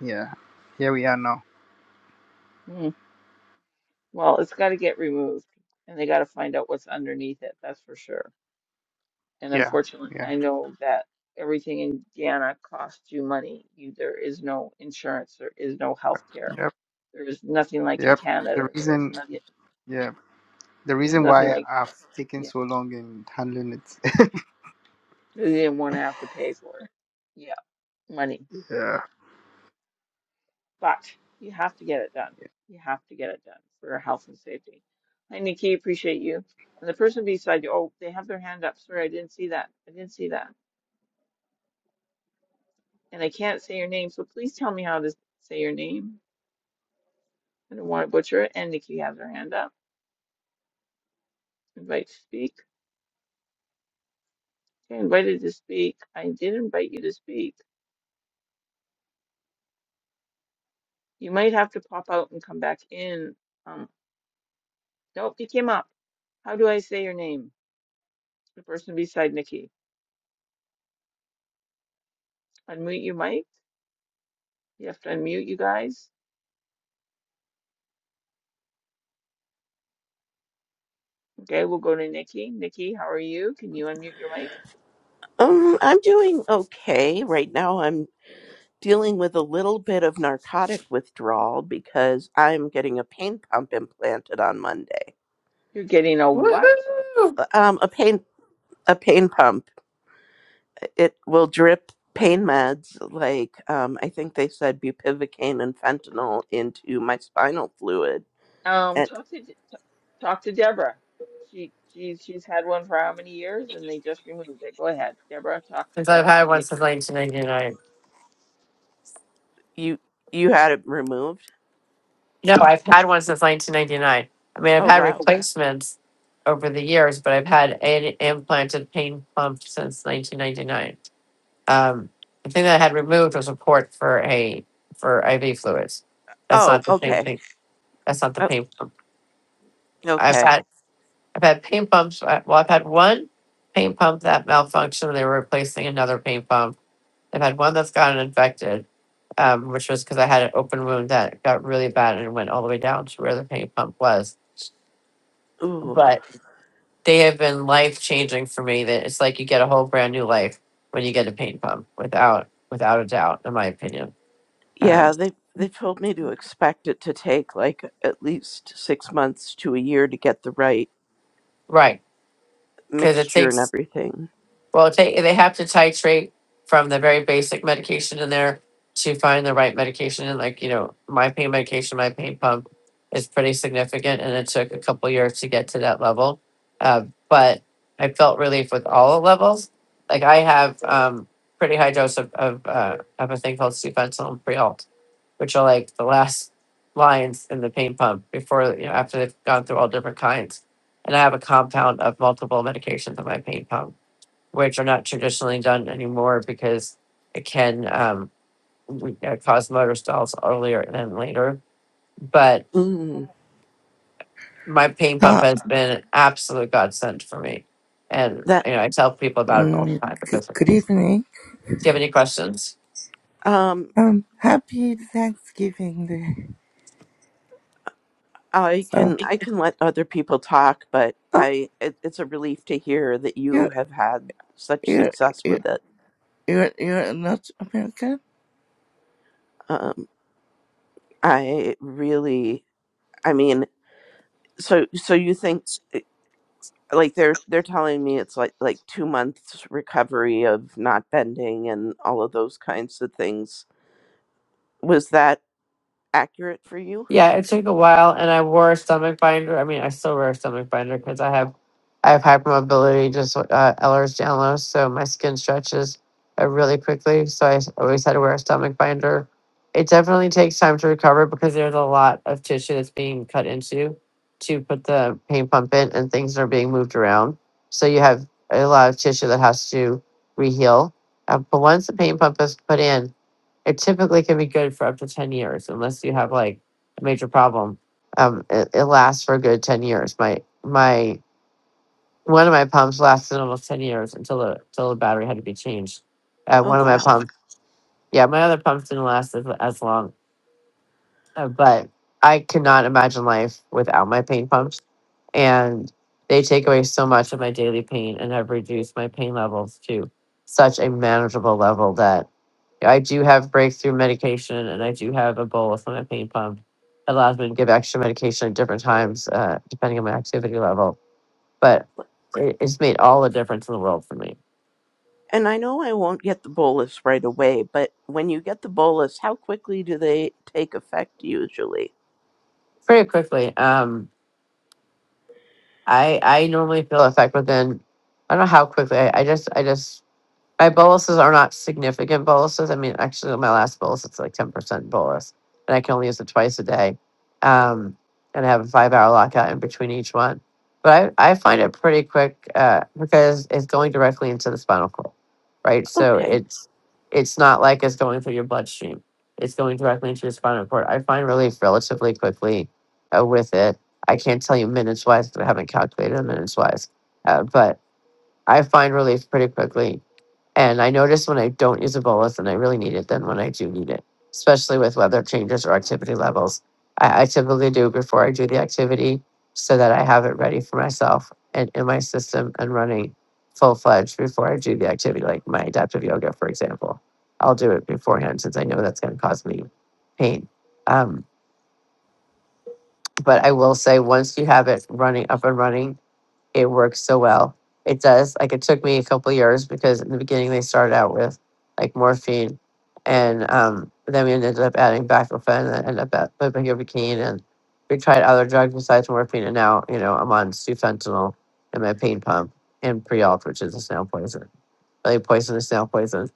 D: yeah, here we are now.
A: Hmm. Well, it's got to get removed, and they got to find out what's underneath it. That's for sure. And
D: Yeah,
A: unfortunately,
D: yeah,
A: I know that everything in Guyana costs you money. You, there is no insurance. There is no health care.
D: yep,
A: There is nothing like in
D: yep.
A: Canada.
D: The
A: There's
D: reason,
A: nothing.
D: yeah, the
A: There's
D: reason
A: nothing
D: why
A: like
D: I've taken
A: yeah.
D: so long in handling it.
A: They didn't want to have to pay for it. Yeah, money.
D: yeah,
A: but you have to get it done. You have to get it done for your health and safety. Hi, Nikki, appreciate you. And the person beside you, oh, they have their hand up. Sorry, I didn't see that. I didn't see that. And I can't say your name, so please tell me how to say your name. I don't want to butcher it. And Nikki has her hand up. Invite to speak. Okay, invited to speak. I did invite you to speak. You might have to pop out and come back in. Um, nope, you came up. How do I say your name? The person beside Nikki. Unmute your mic. You have to unmute you guys Okay, we'll go to Nikki. Nikki, how are you? Can you unmute your mic?
E: Um, I'm doing okay right now. I'm dealing with a little bit of narcotic withdrawal because I'm getting a pain pump implanted on Monday.
A: You're getting a what?
B: Woohoo!
E: Uh, Um, a pain a pain pump. It will drip pain meds like um, I think they said bupivacaine and fentanyl into my spinal fluid.
A: Um,
E: And
A: talk to talk to Deborah. She she's she's had one for how many years, and they just removed it. Go ahead, Deborah. Talk to
B: Since
A: De
B: I've had one since
A: Nikki.
B: 1999.
E: you you had it removed?
B: No, I've had one since 1999. I mean, I've
E: Oh
B: had
E: wow.
B: replacements over the years, but I've had an implanted pain pump since 1999. Um, the thing that I had removed was a port for a for IV fluids. That's
E: Oh
B: not the same
E: okay.
B: thing. That's not the
E: Oh,
B: pain pump. I've
E: okay.
B: had I've had pain pumps. uh, Well, I've had one pain pump that malfunctioned. They were replacing another pain pump I've had one that's gotten infected, um, which was because I had an open wound that got really bad and went all the way down to where the pain pump was.
E: Ooh.
B: But they have been life changing for me. That it's like you get a whole brand new life when you get a pain pump, without without a doubt, in my opinion. Um,
E: Yeah, they they told me to expect it to take like at least six months to a year to get the right
B: right? Because it
E: mixture
B: takes
E: and everything.
B: Well, if they, they have to titrate from the very basic medication in there to find the right medication. And like, you know, my pain medication, my pain pump is pretty significant. And it took a couple years to get to that level. Uh, but I felt relief with all the levels. Like I have um, pretty high dose of, of, uh, of a thing called Sufentanil and Prialt, which are like the last lines in the pain pump before, you know, after they've gone through all different kinds. And I have a compound of multiple medications in my pain pump which are not traditionally done anymore because it can um, w- uh, cause motor stalls earlier than later. But
E: Mm,
B: my pain pump
F: Uh,
B: has been an absolute godsend for me, and
E: that
B: you know I tell people about it all
F: mm,
B: the time
F: good,
B: because of it.
F: good
B: Do
F: evening.
B: you have any questions?
E: um,
F: Um, happy Thanksgiving Day.
E: I
F: Uh,
E: can I can let other people talk, but
F: oh,
E: I it, it's a relief to hear that
F: you,
E: you have had such
F: you,
E: success
F: you,
E: with it.
F: you're, you're not American,
E: Um, I really, I mean, so so you think eh, like they're they're telling me it's like like two months recovery of not bending and all of those kinds of things Was that accurate for you?
B: Yeah, it took a while, and I wore a stomach binder. I mean, I still wear a stomach binder because I have I have hypermobility, just uh, Ehlers Danlos, so my skin stretches uh, really quickly. So I s- always had to wear a stomach binder. It definitely takes time to recover because there's a lot of tissue that's being cut into to put the pain pump in, and things are being moved around. So you have a lot of tissue that has to reheal. Uh, but once the pain pump is put in, it typically can be good for up to 10 years unless you have like major problem. Um, it, it lasts for a good ten years. My my one of my pumps lasted almost ten years until the until the battery had to be changed. Uh,
E: Oh,
B: one of my
E: wow.
B: pumps, yeah, my other pumps didn't last as, as long, uh, but I cannot imagine life without my pain pumps, and they take away so much of my daily pain and have reduced my pain levels to such a manageable level that I do have breakthrough medication and I do have a bolus on my pain pump. It allows me to give extra medication at different times, uh, depending on my activity level. But it, it's made all the difference in the world for me.
E: And I know I won't get the bolus right away, but when you get the bolus, how quickly do they take effect usually?
B: Pretty quickly. Um, I I normally feel effect within I don't know how quickly. I, I just I just My boluses are not significant boluses. I mean, actually, my last bolus, it's like 10% bolus, and I can only use it twice a day. Um, and I have a five hour lockout in between each one. But I, I find it pretty quick uh, because it's going directly into the spinal cord, right? So
E: Okay,
B: it's it's not like it's going through your bloodstream. It's going directly into your spinal cord. I find relief relatively quickly uh, with it. I can't tell you minutes wise, but I haven't calculated minutes wise. Uh, but I find relief pretty quickly. And I notice when I don't use a bolus and I really need it than when I do need it, especially with weather changes or activity levels. I, I typically do before I do the activity so that I have it ready for myself and in my system and running full fledged before I do the activity, like my adaptive yoga, for example. I'll do it beforehand since I know that's going to cause me pain. Um, but I will say, once you have it running up and running, it works so well. It does. Like it took me a couple years because in the beginning they started out with like morphine, and um, then we ended up adding baclofen and ended up at ibuprofen, and we tried other drugs besides morphine. And now you know I'm on sufentanil and my pain pump and Prialt, which is a snail poison, really poisonous snail poison.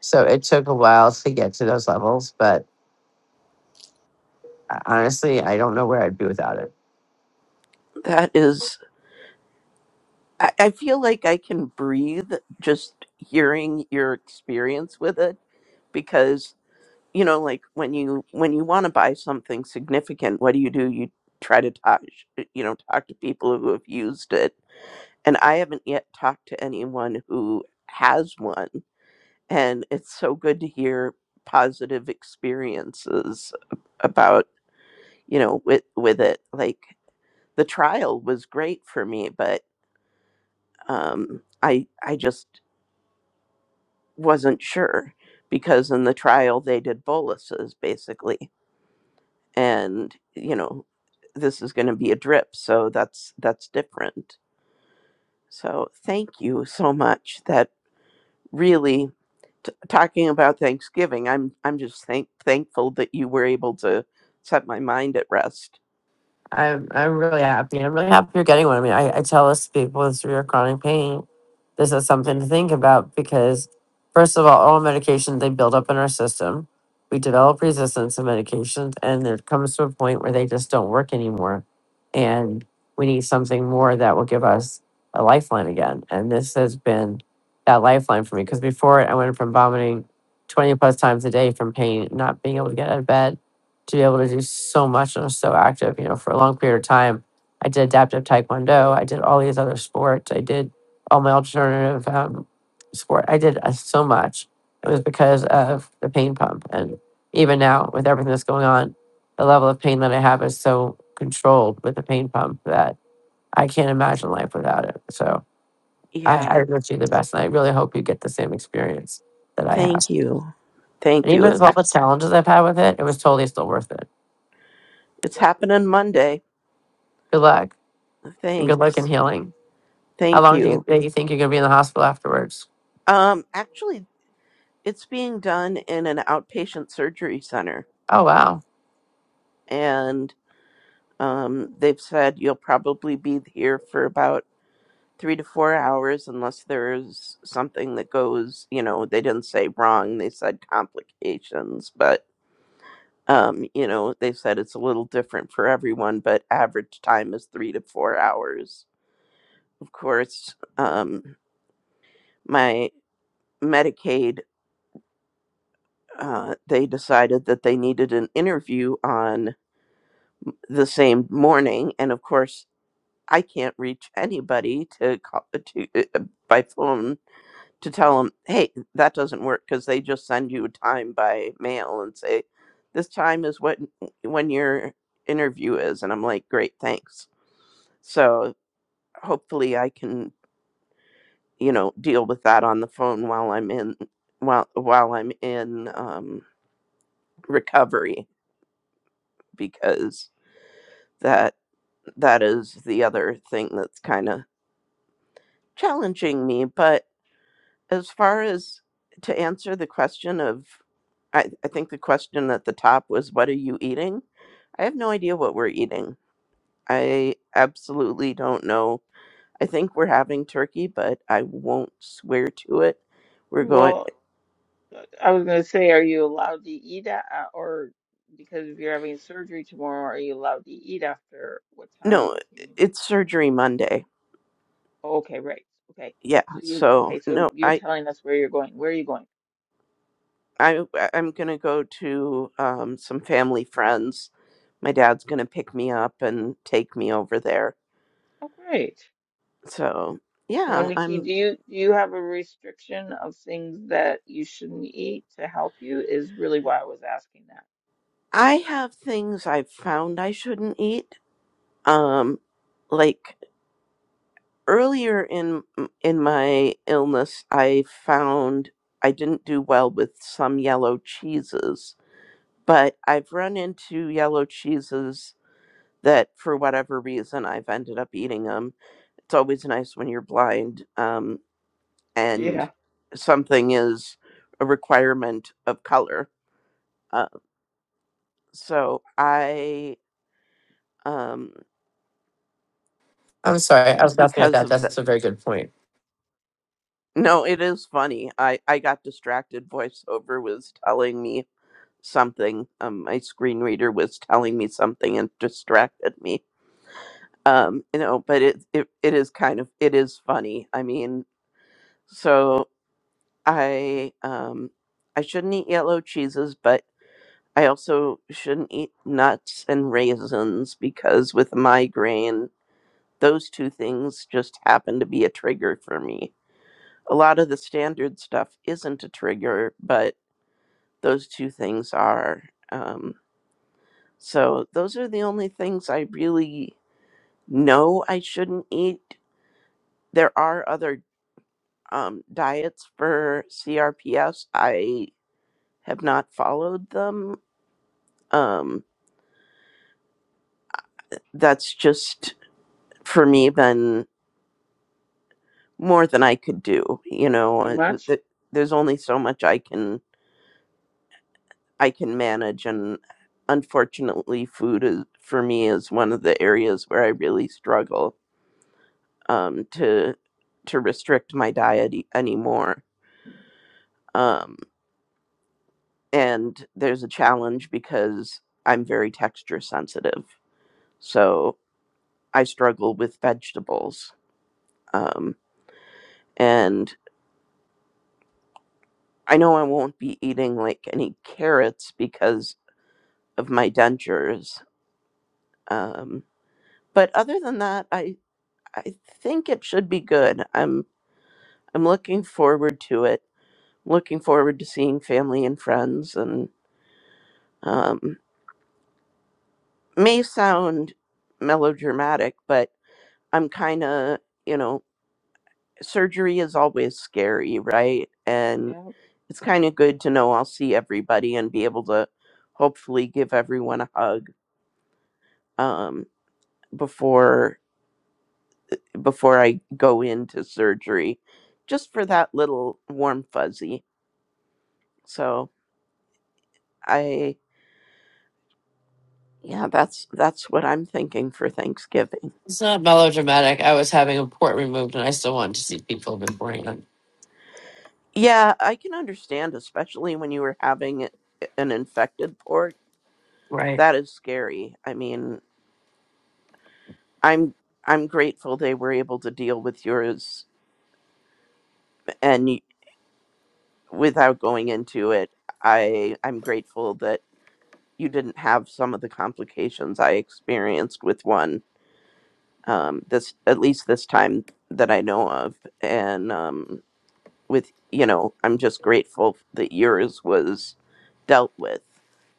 B: So it took a while to get to those levels, but uh, honestly, I don't know where I'd be without it.
E: that is. I, I feel like I can breathe just hearing your experience with it because you know like when you when you want to buy something significant what do you do you try to talk uh, you know talk to people who have used it and i haven't yet talked to anyone who has one and it's so good to hear positive experiences about you know with with it like the trial was great for me but um i i just wasn't sure because in the trial they did boluses basically and you know this is going to be a drip so that's that's different so thank you so much that really t- talking about Thanksgiving. I'm I'm just thank- thankful that you were able to set my mind at rest.
B: I'm I'm really happy. I'm really happy you're getting one. I mean, I, I tell us people with severe chronic pain, this is something to think about because first of all, all medications they build up in our system. We develop resistance to medications and it comes to a point where they just don't work anymore. And we need something more that will give us a lifeline again. And this has been that lifeline for me because before it, I went from vomiting 20 plus times a day from pain, not being able to get out of bed, to be able to do so much and was so active, you know, for a long period of time. I did adaptive taekwondo. I did all these other sports. I did all my alternative um, sport. I did uh, so much. It was because of the pain pump. And even now, with everything that's going on, the level of pain that I have is so controlled with the pain pump that I can't imagine life without it. So I,
E: Yeah,
B: I wish you the best. And I really hope you get the same experience that I have.
E: thank you, thank
B: And
E: you.
B: even
E: It's
B: with all
E: hap-
B: the challenges I've had with it, it was totally still worth it.
E: it's happening Monday.
B: Good luck. and good luck in
E: Thanks,
B: healing. How
E: thank
B: long do you,
E: you.
B: that you think you're going to be in the hospital afterwards?
E: Um, actually, it's being done in an outpatient surgery center,
B: Oh, wow.
E: and um, they've said you'll probably be here for about three to four hours unless there's something that goes you know they didn't say wrong they said complications but um you know they said it's a little different for everyone but average time is three to four hours of course um my medicaid uh, they decided that they needed an interview on the same morning and of course i can't reach anybody to call to uh, by phone to tell them, hey, that doesn't work because they just send you a time by mail and say, this time is what when your interview is. And I'm like, great, thanks. So hopefully I can, you know, deal with that on the phone while I'm in while while I'm in um, recovery because that that is the other thing that's kind of challenging me. But as far as to answer the question of I, I think the question at the top was what are you eating i have no idea what we're eating i absolutely don't know i think we're having turkey but i won't swear to it we're going
A: Well, I was gonna say, are you allowed to eat a, uh, or because if you're having surgery tomorrow, are you allowed to eat after what time
E: no
A: do- can you?
E: it's surgery monday
A: Oh, okay, right. Okay,
E: yeah
A: so you
E: so
A: okay? So
E: no
A: you're
E: i
A: telling us where you're going. Where are you going?
E: i i'm gonna go to um, some family friends my dad's gonna pick me up and take me over there
A: Oh, great.
E: so
A: Now,
E: yeah
A: Nikki,
E: I'm.
A: do you do you have a restriction of things that you shouldn't eat to help you? Is really why I was asking that.
E: I have things I've found I shouldn't eat. Um, like earlier in in my illness, I found I didn't do well with some yellow cheeses, but I've run into yellow cheeses that, for whatever reason, I've ended up eating them. It's always nice when you're blind, um,
A: Yeah.
E: and something is a requirement of color. Uh, so I, um,
B: I'm sorry. I was laughing at
E: because
B: that.
E: of
B: That's a very good point.
E: No, it is funny. I I got distracted. Voiceover was telling me something. Um, my screen reader was telling me something and distracted me. Um, you know, but it it it is kind of it is funny. I mean, so I um I shouldn't eat yellow cheeses, but I also shouldn't eat nuts and raisins because with migraine, those two things just happen to be a trigger for me. A lot of the standard stuff isn't a trigger, but those two things are. Um, so those are the only things I really know I shouldn't eat. There are other um, diets for CRPS. I have not followed them. Um, that's just for me been more than I could do. You know,
A: Too
E: I- with
A: much?
E: the- there's only so much I can I can manage, and unfortunately, food is for me is one of the areas where I really struggle um, to to restrict my diet e- anymore. Um, and there's a challenge because I'm very texture sensitive, so I struggle with vegetables. Um, and I know I won't be eating like any carrots because of my dentures. Um, but other than that, I I think it should be good. I'm I'm looking forward to it. Looking forward to seeing family and friends and um. may sound melodramatic, but I'm kind of, you know, surgery is always scary, right? And
A: Yeah.
E: it's kind of good to know I'll see everybody and be able to hopefully give everyone a hug um, before before I go into surgery, just for that little warm fuzzy. So I, yeah, that's that's what I'm thinking for Thanksgiving.
B: It's not melodramatic. I was having a port removed and I still wanted to see people beforehand.
E: Yeah, I can understand, especially when you were having an infected port.
B: Right.
E: That is scary. I mean, I'm I'm grateful they were able to deal with yours, and y- without going into it, I I'm grateful that you didn't have some of the complications I experienced with one. Um, this at least this time that I know of, and um, with you know i'm just grateful that yours was dealt with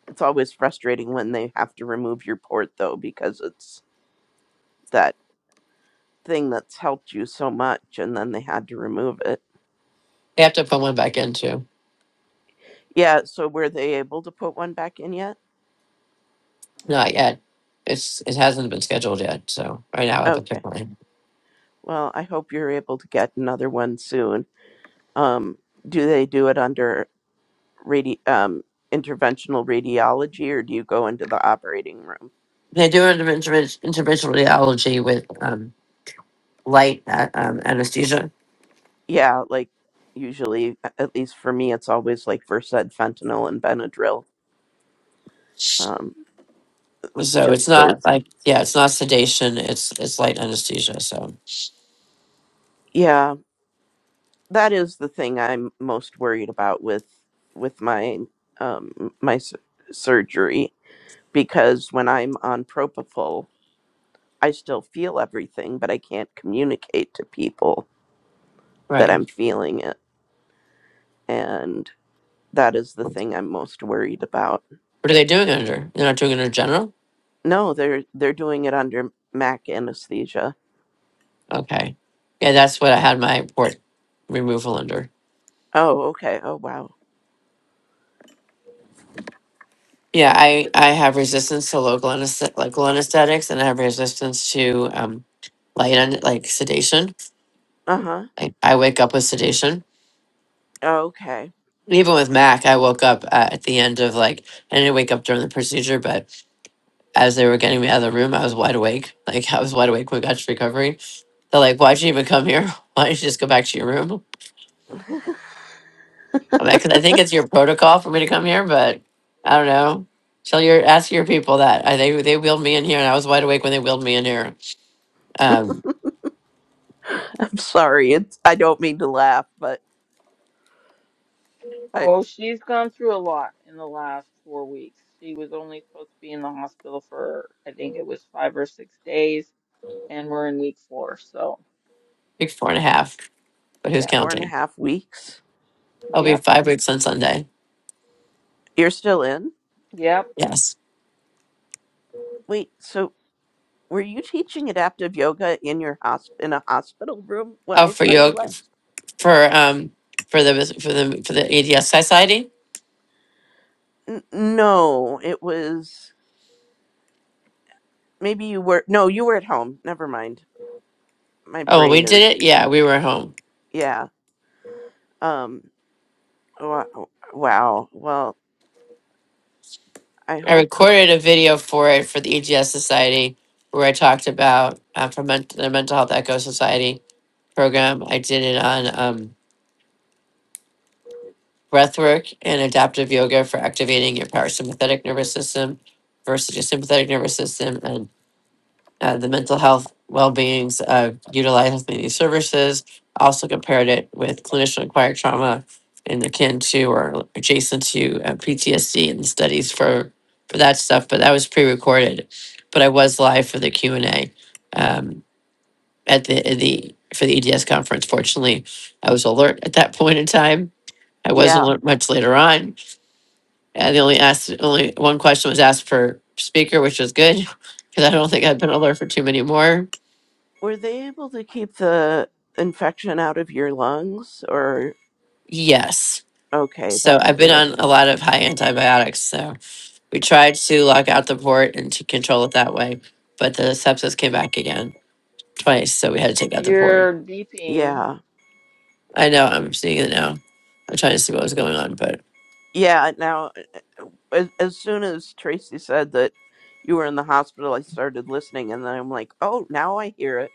E: it's always frustrating when they have to remove your port though because it's that thing that's helped you so much and then they had to remove it
B: They have to put one back in too.
E: yeah so were they able to put one back in yet
B: Not yet. It's It hasn't been scheduled yet. So right now I have a
E: okay
B: pick line.
E: well i hope you're able to get another one soon um do they do it under radi- um interventional radiology or do you go into the operating room
B: They do an interven- interventional radiology with um, light uh, um, anesthesia.
E: Yeah, like usually, a- at least for me, it's always like Versed, fentanyl, and Benadryl. Um,
B: So it's
E: just
B: not
E: those.
B: like, yeah, it's not sedation. It's it's light anesthesia. So,
E: Yeah, that is the thing I'm most worried about with with my um my s- surgery because when I'm on propofol, I still feel everything, but I can't communicate to people that
B: right.
E: I'm feeling it, and that is the thing I'm most worried about.
B: What are they doing it under? They're not doing it under general?
E: No, they're they're doing it under MAC anesthesia.
B: Okay. Yeah, that's what I had my port removal under.
E: Oh, okay. Oh, wow.
B: Yeah, I, I have resistance to local anesthetic, local anesthetics and I have resistance to um, light and like sedation.
E: Uh huh.
B: I, I wake up with sedation.
E: Okay.
B: Even with Mac, I woke up uh, at the end of like, I didn't wake up during the procedure, but as they were getting me out of the room, I was wide awake. Like I was wide awake when we got to recovery. They're like, why'd you even come here? Why don't you just go back to your room? I mean, 'cause I think it's your protocol for me to come here, but I don't know. Tell your ask your people that I they they wheeled me in here, and I was wide awake when they wheeled me in here. Um,
E: I'm sorry. It's I don't mean to laugh, but I
A: Oh, she's gone through a lot in the last four weeks. She was only supposed to be in the hospital for, I think it was five or six days, and we're in week four. So,
B: week four and a
A: and
B: half, but who's
A: yeah,
E: four and a
B: counting?
E: half weeks.
B: I'll be
A: yep,
B: five weeks on Sunday.
E: You're still in.
A: yep.
B: Yes.
E: Wait. So were you teaching adaptive yoga in your hosp in a hospital room when
B: Oh,
E: I
B: for
E: saw you
B: you
E: last?
B: for um for the for the for the EDS Society.
E: N- no, it was maybe you were. No, you were at home. Never mind. My
B: Oh, when we
E: brain
B: did
E: is
B: it, yeah, we were home.
E: yeah. Um. Wow. wow. Well, I
B: I
E: hope that
B: recorded a video for it for the EGS Society where I talked about uh, for men- the Mental Health Echo Society program. I did it on um breathwork and adaptive yoga for activating your parasympathetic nervous system versus your sympathetic nervous system and uh, the mental health well-beings of utilizing these services also compared it with clinician acquired trauma and akin to or adjacent to uh, ptsd and studies for for that stuff but that was pre-recorded but i was live for the q&a um, at the, the for the eds conference fortunately i was alert at that point in time i wasn't
E: yeah.
B: alert much later on yeah, the only asked, only one question was asked for speaker, which was good because I don't think I've been on there for too many more.
E: Were they able to keep the infection out of your lungs, or?
B: Yes.
E: Okay,
B: So
E: that's
B: I've been
E: good.
B: on a lot of high antibiotics. So we tried to lock out the port and to control it that way, but the sepsis came back again twice. So we had to take out the port.
A: You're beeping.
E: Yeah.
B: I know I'm seeing it now. I'm trying to see what was going on, but
E: Yeah. Now, as, as soon as Tracy said that you were in the hospital, I started listening, and then I'm like, oh, now I hear it.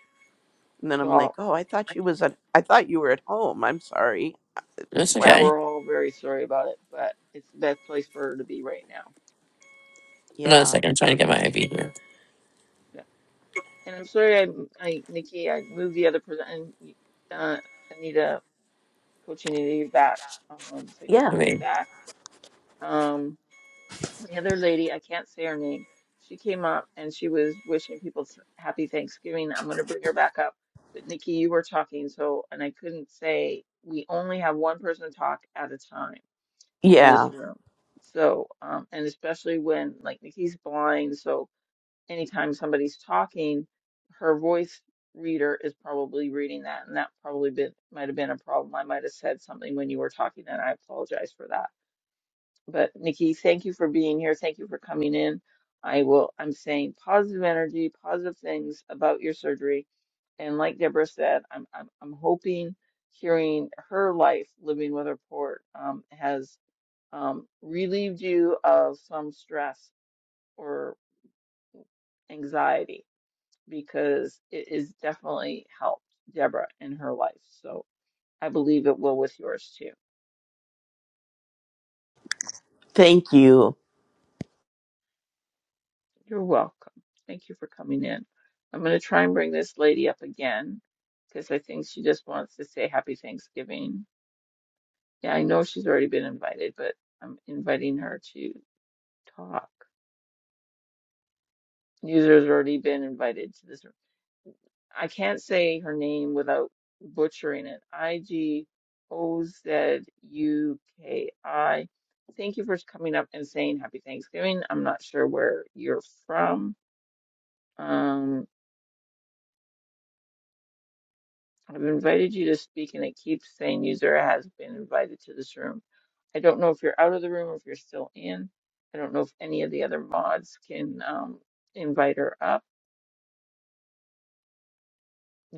E: And then I'm like,
A: Well,
E: oh, I thought you was at, I thought you were at home. I'm sorry.
B: it's
A: yeah,
B: okay.
E: Wow.
A: we're all very sorry about it, but it's the best place for her to be right now.
B: Hold on a
E: Yeah.
B: second. I'm trying to get my IV here.
A: And I'm sorry, I, I, Nikki, I moved the other person, and you- uh, Anita, Coach Anita, you're back. Um, thanks for
E: Yeah.
B: I
A: coming
B: mean,
A: back. Um, the other lady, I can't say her name. She came up and she was wishing people s- happy Thanksgiving. I'm going to bring her back up. But Nikki, you were talking, so, and I couldn't say, we only have one person talk at a time in
E: Yeah.
A: this room. So, um, and especially when, like, Nikki's blind, so anytime somebody's talking, her voice reader is probably reading that, and that probably been, might have been a problem. I might have said something when you were talking, and I apologize for that. But Nikki, thank you for being here. Thank you for coming in. I will. I'm saying positive energy, positive things about your surgery, and like Deborah said, I'm I'm I'm hoping hearing her life living with her port um, has um, relieved you of some stress or anxiety because it is definitely helped Deborah in her life. So I believe it will with yours too.
E: Thank you.
A: You're welcome. Thank you for coming in. I'm going to try and bring this lady up again because I think she just wants to say happy Thanksgiving. Yeah, I know she's already been invited, but I'm inviting her to talk. User's already been invited to this. I can't say her name without butchering it. I G O Z U K I. Thank you for coming up and saying happy Thanksgiving. I'm not sure where you're from. Um, I've invited you to speak and it keeps saying user has been invited to this room. I don't know if you're out of the room or if you're still in. I don't know if any of the other mods can um, invite her up.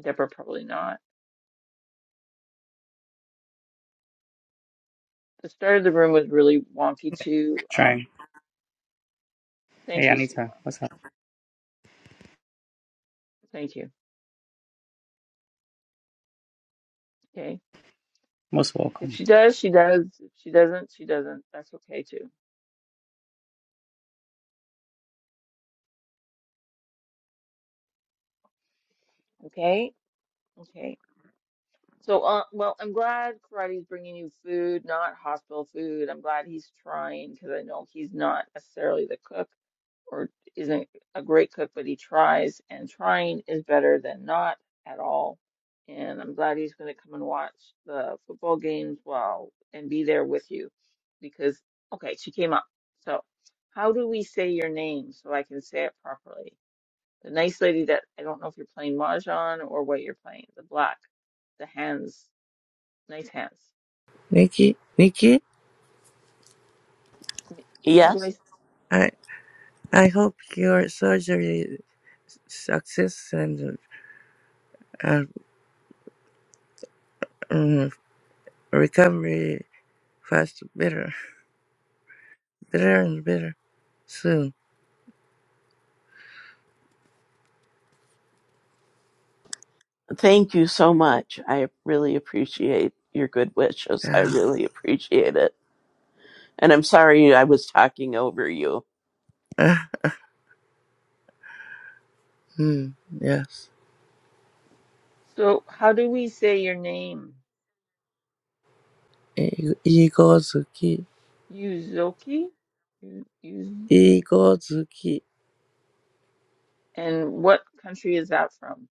A: Deborah probably not. The start of the room was really wonky too. Um,
D: trying. Hey,
A: thank you,
D: Anita,
A: Siwa.
D: what's up?
A: Thank you. Okay.
D: Most
A: If
D: welcome.
A: she does, she does. If she doesn't, she doesn't. That's okay too. Okay. Okay. So, uh, well, I'm glad Karate's bringing you food, not hospital food. I'm glad he's trying because I know he's not necessarily the cook or isn't a great cook, but he tries, and trying is better than not at all. And I'm glad he's going to come and watch the football games while and be there with you because, okay, she came up. So, how do we say your name so I can say it properly? The nice lady that I don't know if you're playing mahjong or what you're playing, the black, the hands, nice hands.
F: Nikki. Nikki,
A: How do I?
E: Yes.
A: s-
F: I, I hope your surgery success and uh, um, recovery fast, better, better and better soon.
E: Thank you so much. I really appreciate your good wishes. I
F: Yeah.
E: really appreciate it. And I'm sorry I was talking over you.
F: Uh, mm, yes.
A: So how do we say your name?
F: I- Igozuki,
A: Yuzuki? You, you,
F: Igozuki.
A: and what country is that from?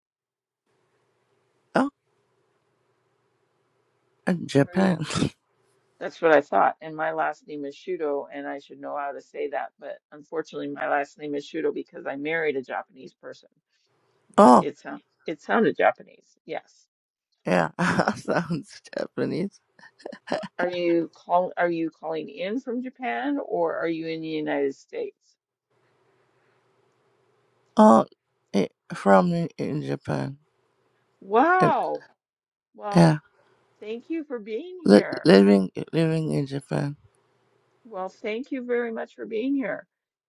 F: Oh, and
A: Where you?
F: Japan.
A: That's what I thought. And my last name is Shudo, and I should know how to say that. But unfortunately, my last name is Shudo because I married a Japanese person. But
F: Oh.
A: it sound, it sounded Japanese. Yes.
F: Yeah, sounds Japanese.
A: Are you call are you calling in from Japan or are you in the United States?
F: Oh, eh, from in in Japan. And,
A: Wow. Well,
F: yeah,
A: thank you for being
F: li-
A: here.
F: living living in Japan.
A: Well, thank you very much for being here.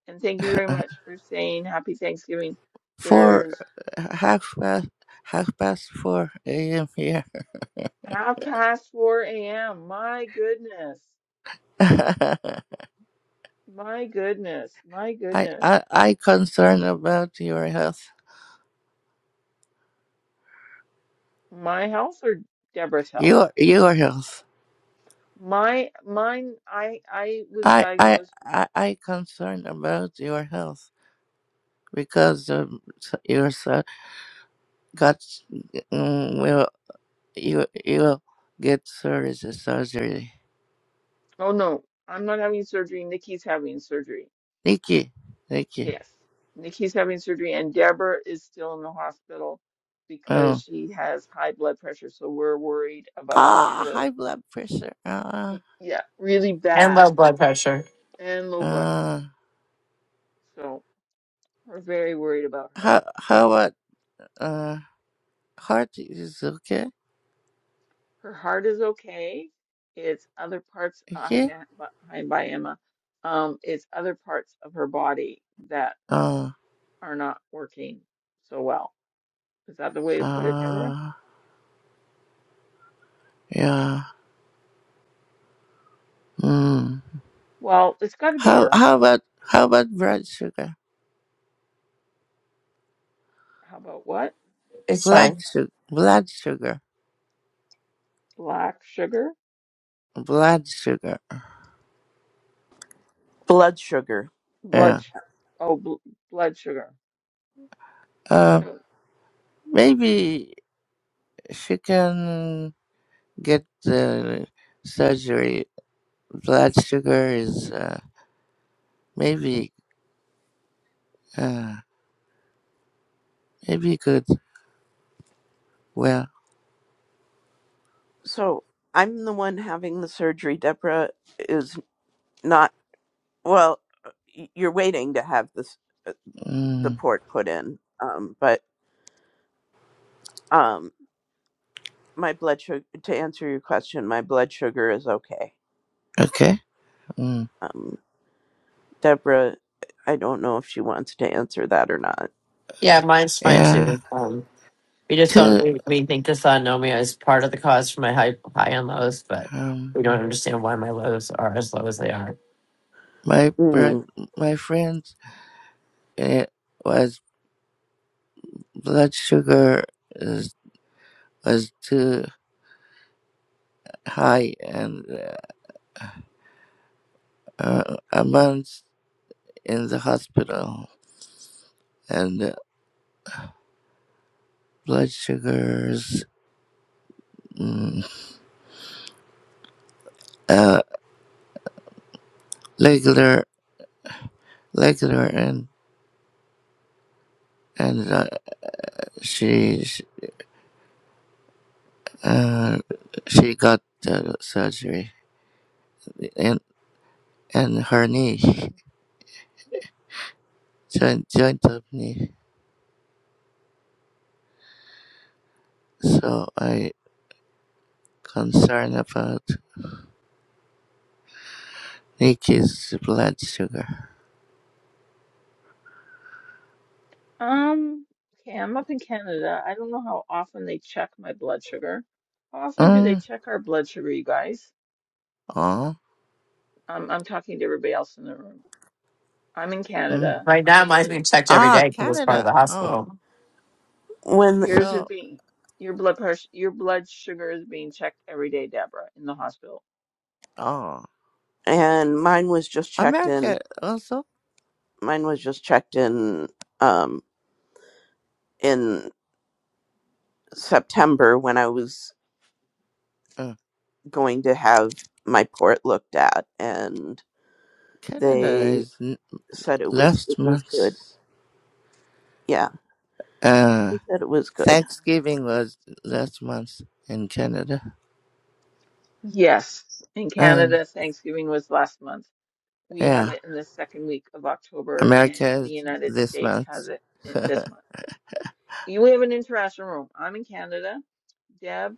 A: And thank you very much for saying happy Thanksgiving.
F: Four
A: There's
F: half past half past four a.m. here.
A: half past 4 a.m. My goodness.
F: I
A: My goodness. My
F: I
A: goodness.
F: I concerned about your health.
A: My health or Deborah's health?
F: Your your health.
A: My mine I I was
F: I I
A: diagnosed.
F: I I concerned about your health because um, s- your son got mm, will you you will get surgery surgery.
A: Oh no, I'm not having surgery. Nikki's having surgery
F: Thank you. Thank you.
A: Yes. Nikki's having surgery, and Deborah is still in the hospital because
F: Um,
A: she has high blood pressure. So we're worried about
F: ah,
A: her.
F: high blood pressure. Uh,
A: Y- Yeah, really
B: and
A: bad
B: low blood pressure.
A: and low blood pressure.
F: uh,
A: So we're very worried about her.
F: how, how about, uh, heart is okay?
A: Her heart is okay. It's other parts. uh, Hi,
F: Okay?
A: Ma- Bu- hi, bye, Emma. Um, it's other parts of her body that
F: Uh,
A: are not working so well. Is that the way to put it, Deborah?
F: uh, yeah. Mm.
A: Well, it's got to be
F: How,
A: her
F: how
A: heart.
F: about, how about blood sugar?
A: How about what?
B: It's
F: Blood
B: fine.
F: sugar. Blood sugar.
A: Black sugar?
F: Blood sugar.
E: Blood sugar.
A: Blood,
F: Yeah.
A: sh- oh, bl blood sugar. I
F: Uh,
A: don't,
F: maybe she can get the surgery. Blood sugar is, uh, maybe, uh, maybe good. Well,
E: so I'm the one having the surgery. Deborah is not. Well, uh, y- you're waiting to have this uh, the
F: mm,
E: port put in. Um, but um, my blood sugar. To answer your question, my blood sugar is okay.
F: okay. Mm,
E: Um, Deborah, I don't know if she wants to answer that or not.
B: Yeah, mine's fine
F: yeah.
B: too. Um, We just don't.
F: Two,
B: We, we think dysautonomia is part of the cause for my high high and lows, but
F: um,
B: we don't understand why my lows are as low as they are.
F: my bro-
E: Mm.
F: my friends, it was blood sugar is, was too high, and uh, uh, a month in the hospital, and uh, blood sugars mm, uh, regular, regular, and and uh, she she, uh, she got uh, surgery in in her knee. Joint joined me, so I concerned about Nikki's blood sugar.
A: um, okay, I'm up in Canada. I don't know how often they check my blood sugar. How often do they
F: Mm,
A: check our blood sugar, you guys?
F: oh,
A: Um, I'm talking to everybody else in the room. I'm in
F: mm.
A: Canada.
B: Right
A: I'm
B: now,
A: the
B: mine's
A: only,
B: being checked every
F: Ah,
B: day because it's part of
F: Canada.
B: the
F: Oh,
B: hospital.
E: When
A: yours is
F: so
A: being, your blood pressure, your blood sugar is being checked every day, Deborah, in the hospital.
F: oh,
E: and mine was just checked in.
F: America also.
E: Mine was just checked in um, in September when I was
F: Uh,
E: going to have my port looked at and
F: Canada
E: They
F: is n-
E: said it was it
F: last
E: was good.
F: month.
E: Yeah,
F: Uh,
E: they said it was good.
F: Thanksgiving was last month in Canada.
A: Yes, in
F: Um,
A: Canada, Thanksgiving was last month. We have
F: yeah,
A: it in the second week of October, and
F: America
A: the
F: is
A: United
F: this
A: States has
F: month.
A: it in- this month. You have an international room. I'm in Canada. Deb,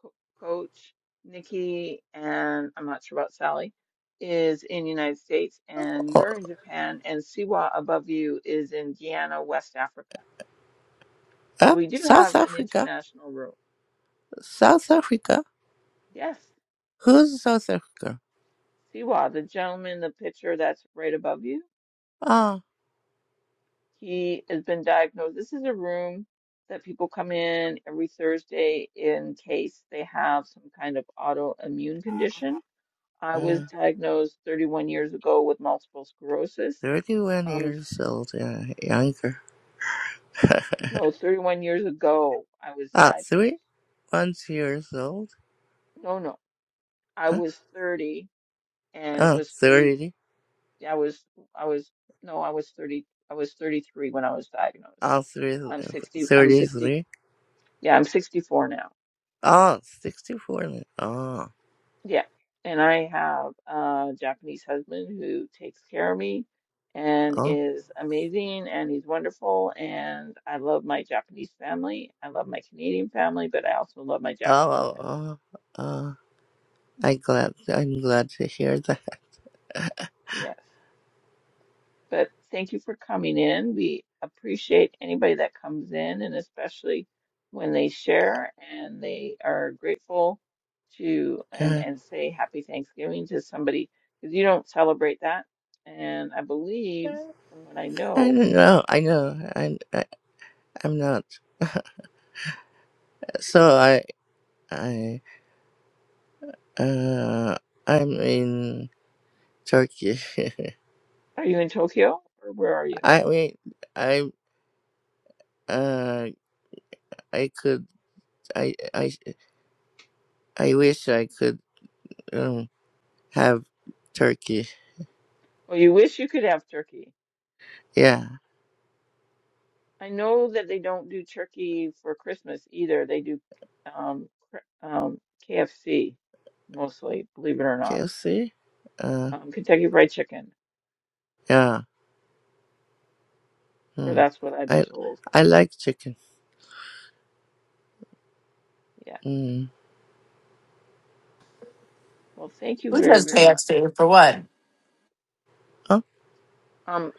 A: Co- Coach, Nikki, and I'm not sure about Sally is in the United States, and
F: Oh,
A: you're in Japan, and Siwa above you is in Guyana, West Africa. So
F: uh,
A: we do
F: South
A: have an
F: Africa.
A: international room.
F: South Africa.
A: Yes,
F: Who's South Africa?
A: Siwa, the gentleman, in the picture that's right above you,
F: Ah,
A: he has been diagnosed. This is a room that people come in every Thursday in case they have some kind of autoimmune condition I was
F: uh,
A: diagnosed 31 years ago with multiple sclerosis.
F: 31
A: Um,
F: years old and younger.
A: no, 31 years ago I was
F: Ah,
A: diagnosed.
F: three months years old.
A: No, no, I
F: Uh,
A: was 30, and it
F: uh,
A: was 30.
F: 30.
A: I was, I was, no, I was 30. I was 33 when I was diagnosed.
F: Ah, three,
A: I'm 60. I'm 60.
F: 33.
A: Yeah, I'm 64 now.
F: Oh, sixty-four. Now.
A: Yeah. And I have a Japanese husband who takes care of me and
F: Oh, oh,
A: is amazing and he's wonderful. And I love my Japanese family. I love my Canadian family, but I also love my
F: oh,
A: Japanese
F: oh,
A: family.
F: oh. oh. I glad, I'm glad to hear that.
A: Yes. But thank you for coming in. We appreciate anybody that comes in, and especially when they share and they are grateful to and,
F: Uh,
A: and say happy Thanksgiving to somebody because you don't celebrate that. And I believe, from what I
F: I
A: know,
F: don't know. I know. I, I, I'm not. So I, I, uh, I'm in Turkey.
A: are you in Tokyo or where are you?
F: I mean, I, uh, I could. I I I wish I could um, have turkey.
A: Well, you wish you could have turkey.
F: Yeah,
A: I know that they don't do turkey for Christmas either. They do um, cr- um, KFC mostly, believe it or not
F: KFC. Uh,
A: um, Kentucky Fried Chicken.
F: yeah.
A: Or
F: Hmm.
A: that's what I've been
F: I
A: told.
F: I like chicken.
A: Yeah.
F: Mm.
A: Well, thank you
B: Who
A: very,
B: does
A: very much.
B: KFC for what?
F: Oh,
A: Um,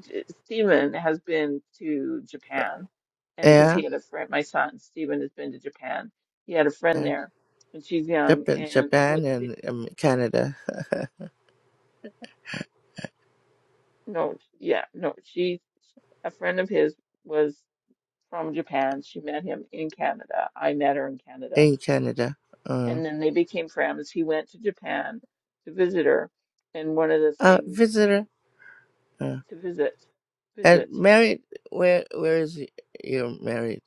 A: J- Stephen has been to Japan, and because he
F: yeah,
A: had a friend, my son Stephen has been to Japan. He had a friend
F: yeah.
A: there, and she's young.
F: Japan,
A: And what?
F: Japan,
A: The,
F: and um, Canada.
A: no, yeah, no. She, a friend of his, was from Japan. She met him in Canada. I met her in Canada,
F: In Canada. Uh,
A: and then they became friends. He went to Japan to visit her, and one of the
F: uh
A: things
F: visitor. Uh,
A: to visit, visit.
F: and married. Where Where is y- your married?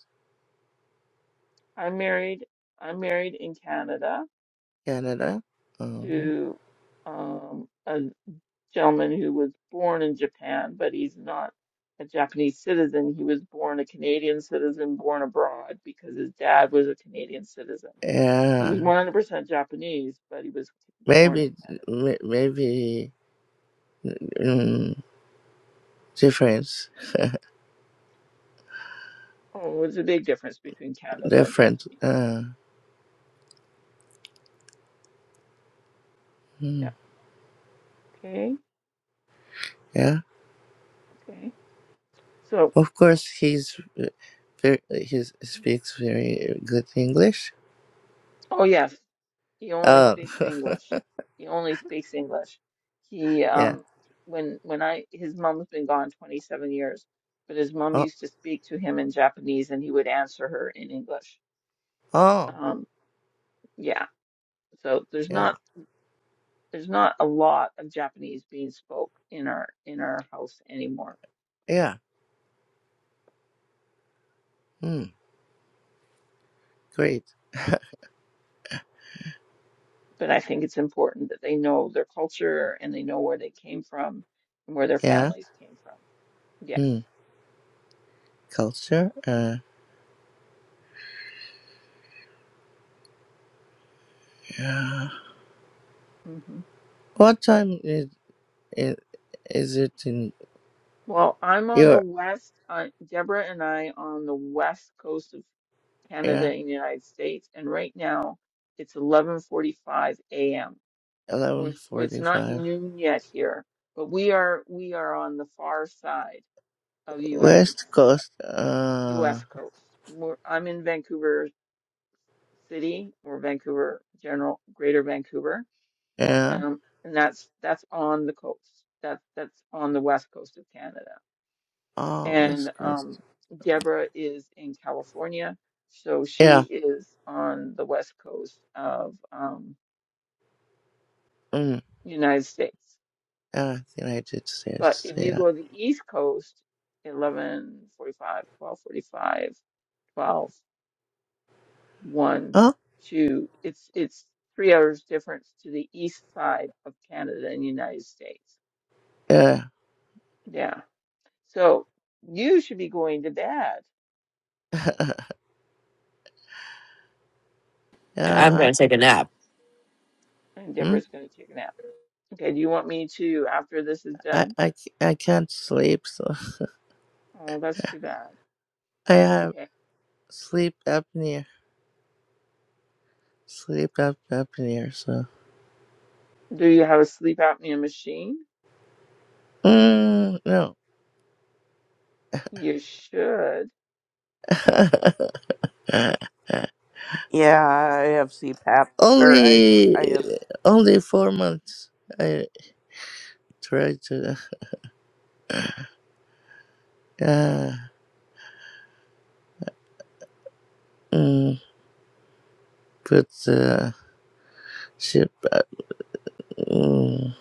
A: I'm married. I'm married in Canada
F: Canada. Uh,
A: to um, a gentleman who was born in Japan, but he's not a Japanese citizen. He was born a Canadian citizen, born abroad because his dad was a Canadian citizen. He was
F: yeah.
A: 100% Japanese, but he was born in
F: Maybe
A: Canada.
F: m- maybe um, difference.
A: Oh, it's a big difference between Canada and
F: Different.
A: Japanese.
F: Uh, hmm.
A: Yeah. Okay.
F: Yeah.
A: Okay. So,
F: Of course, he's uh, very, he speaks very good English.
A: oh yes. He only
F: Oh,
A: speaks English. He only speaks English. He
F: yeah.
A: um when when I his mom's been gone 27 years, but his mom
F: Oh,
A: used to speak to him in Japanese and he would answer her in English.
F: oh,
A: Um yeah. So there's
F: yeah,
A: not there's not a lot of Japanese being spoke in our in our house anymore.
F: yeah. Hmm, great.
A: But I think it's important that they know their culture and they know where they came from and where their
F: Yeah.
A: families came from. Yes.
F: Hmm, culture. Uh, yeah.
A: Mm-hmm.
F: What time is it? Is it in
A: Well, I'm on the
F: your?
A: west, uh, Deborah and I on the west coast of Canada
F: Yeah,
A: and the United States, and right now it's 11:45 a.m. We're,
F: eleven
A: it's not
F: forty-five.
A: noon yet here, but we are we are on the far side of U.S. and
F: West
A: Canada,
F: Coast. Uh,
A: U.S. coast. We're, I'm in Vancouver City or Vancouver General, Greater Vancouver,
F: yeah.
A: um, and that's that's on the coast. That's that's on the west coast of Canada.
F: Oh,
A: and
F: West Coast.
A: um, Deborah is in California, so
F: Yeah.
A: she is on the west coast of um,
F: Hmm.
A: United States.
F: Yeah, United
A: But
F: States.
A: if you
F: Yeah.
A: go to the east coast, eleven forty-five, twelve forty-five, twelve, one,
F: Oh,
A: 2, it's it's three hours difference to the east side of Canada and United States.
F: yeah.
A: Yeah, so you should be going to bed,
B: I'm
F: yeah.
B: going to take a nap.
A: and
F: Hmm.
A: Deborah's going to take a nap. Okay, do you want me to after this is
F: I,
A: done?
F: I, c- I can't sleep, so
A: Oh, that's too bad.
F: I have
A: Okay.
F: sleep apnea. Sleep ap- apnea, so.
A: Do you have a sleep apnea machine?
F: Mm, no.
A: You should.
E: Yeah, I have CPAP or
F: only,
E: I I have.
F: only four months. I tried to, uh, mm, put the ship, uh, mm,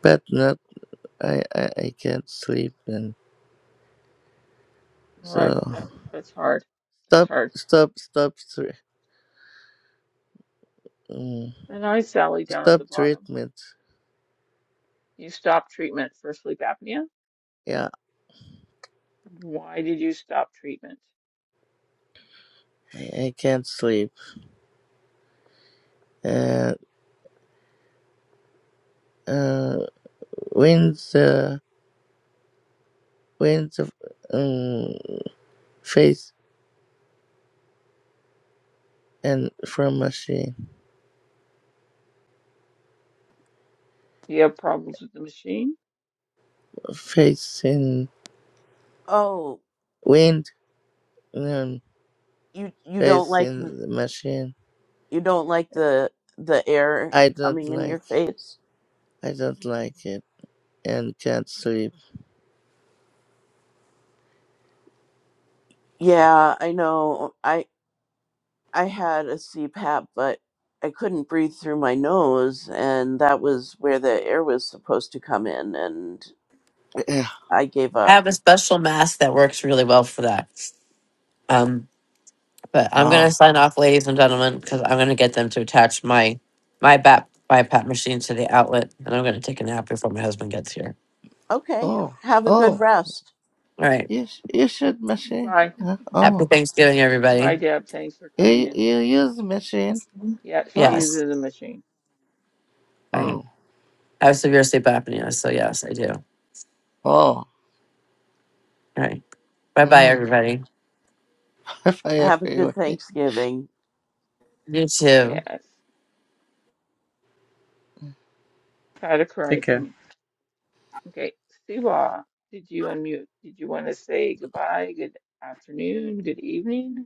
F: but not, I, I, I can't sleep, and
A: Right,
F: so.
A: that, that's hard. That's
F: Stop,
A: hard.
F: stop, stop, thr- mm,
A: And I, Sally, down at
F: stop
A: the bottom.
F: treatment.
A: You stopped treatment for sleep apnea?
F: Yeah,
A: Why did you stop treatment?
F: I, I can't sleep. and. uh, when the when the um, face and from machine
A: Do you have problems with the machine?
F: facing
E: Oh,
F: wind um,
E: you you don't like the-
F: facing the machine.
E: you don't like the the air
F: I don't
E: coming in your
F: like
E: face.
F: I don't like it and can't sleep.
E: Yeah, I know. I I had a CPAP, but I couldn't breathe through my nose, and that was where the air was supposed to come in, and I gave
B: I
E: up.
B: have a special mask that works really well for that. Um, but I'm going to
F: oh
B: sign off, ladies and gentlemen, because I'm going to get them to attach my my BAP my PAP machine to the outlet, and I'm going to take a nap before my husband gets here.
E: Okay,
F: oh
E: have a good
F: oh
E: rest.
B: All right.
F: you sh- you should machine
A: Bye.
F: huh?
B: Happy
F: oh
B: Thanksgiving,
A: Bye,
B: everybody.
A: Deb. Thanks for coming
F: you
A: in.
F: you use machine
A: Yeah, she
F: oh
B: Yes.
A: uses a machine.
B: Bye.
F: mm.
B: I have severe sleep apnea, so yes, I do. All
F: oh
B: right. Bye bye,
F: mm.
B: everybody.
F: if I ever
E: Have a good
F: you
E: Thanksgiving.
B: You too.
A: Yes. Had a
D: Take
A: cry for
D: care.
A: me. Okay, Siwa, did you unmute? Did you want to say goodbye, good afternoon, good evening,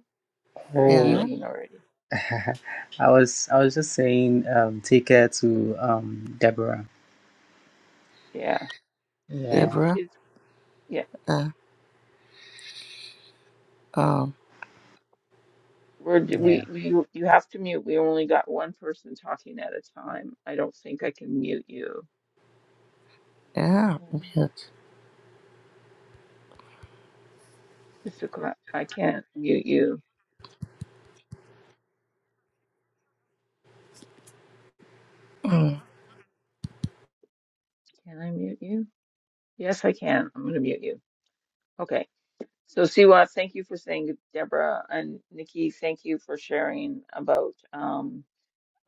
A: or
F: yeah,
A: evening already?
D: I was I was just saying, um, take care to um Deborah.
A: Yeah, she's
D: Yeah,
F: Deborah
A: it's yeah.
F: uh, um
A: We're
D: yeah,
A: we we you have to mute. We only got one person talking at a time. I don't think I can mute you, um,
F: yeah
A: Mr. Cla- I can't mute you.
F: Mm.
A: Can I mute you? Yes, I can. I'm gonna mute you. Okay. So Siwa, thank you for saying Deborah and Nikki. Thank you for sharing about um.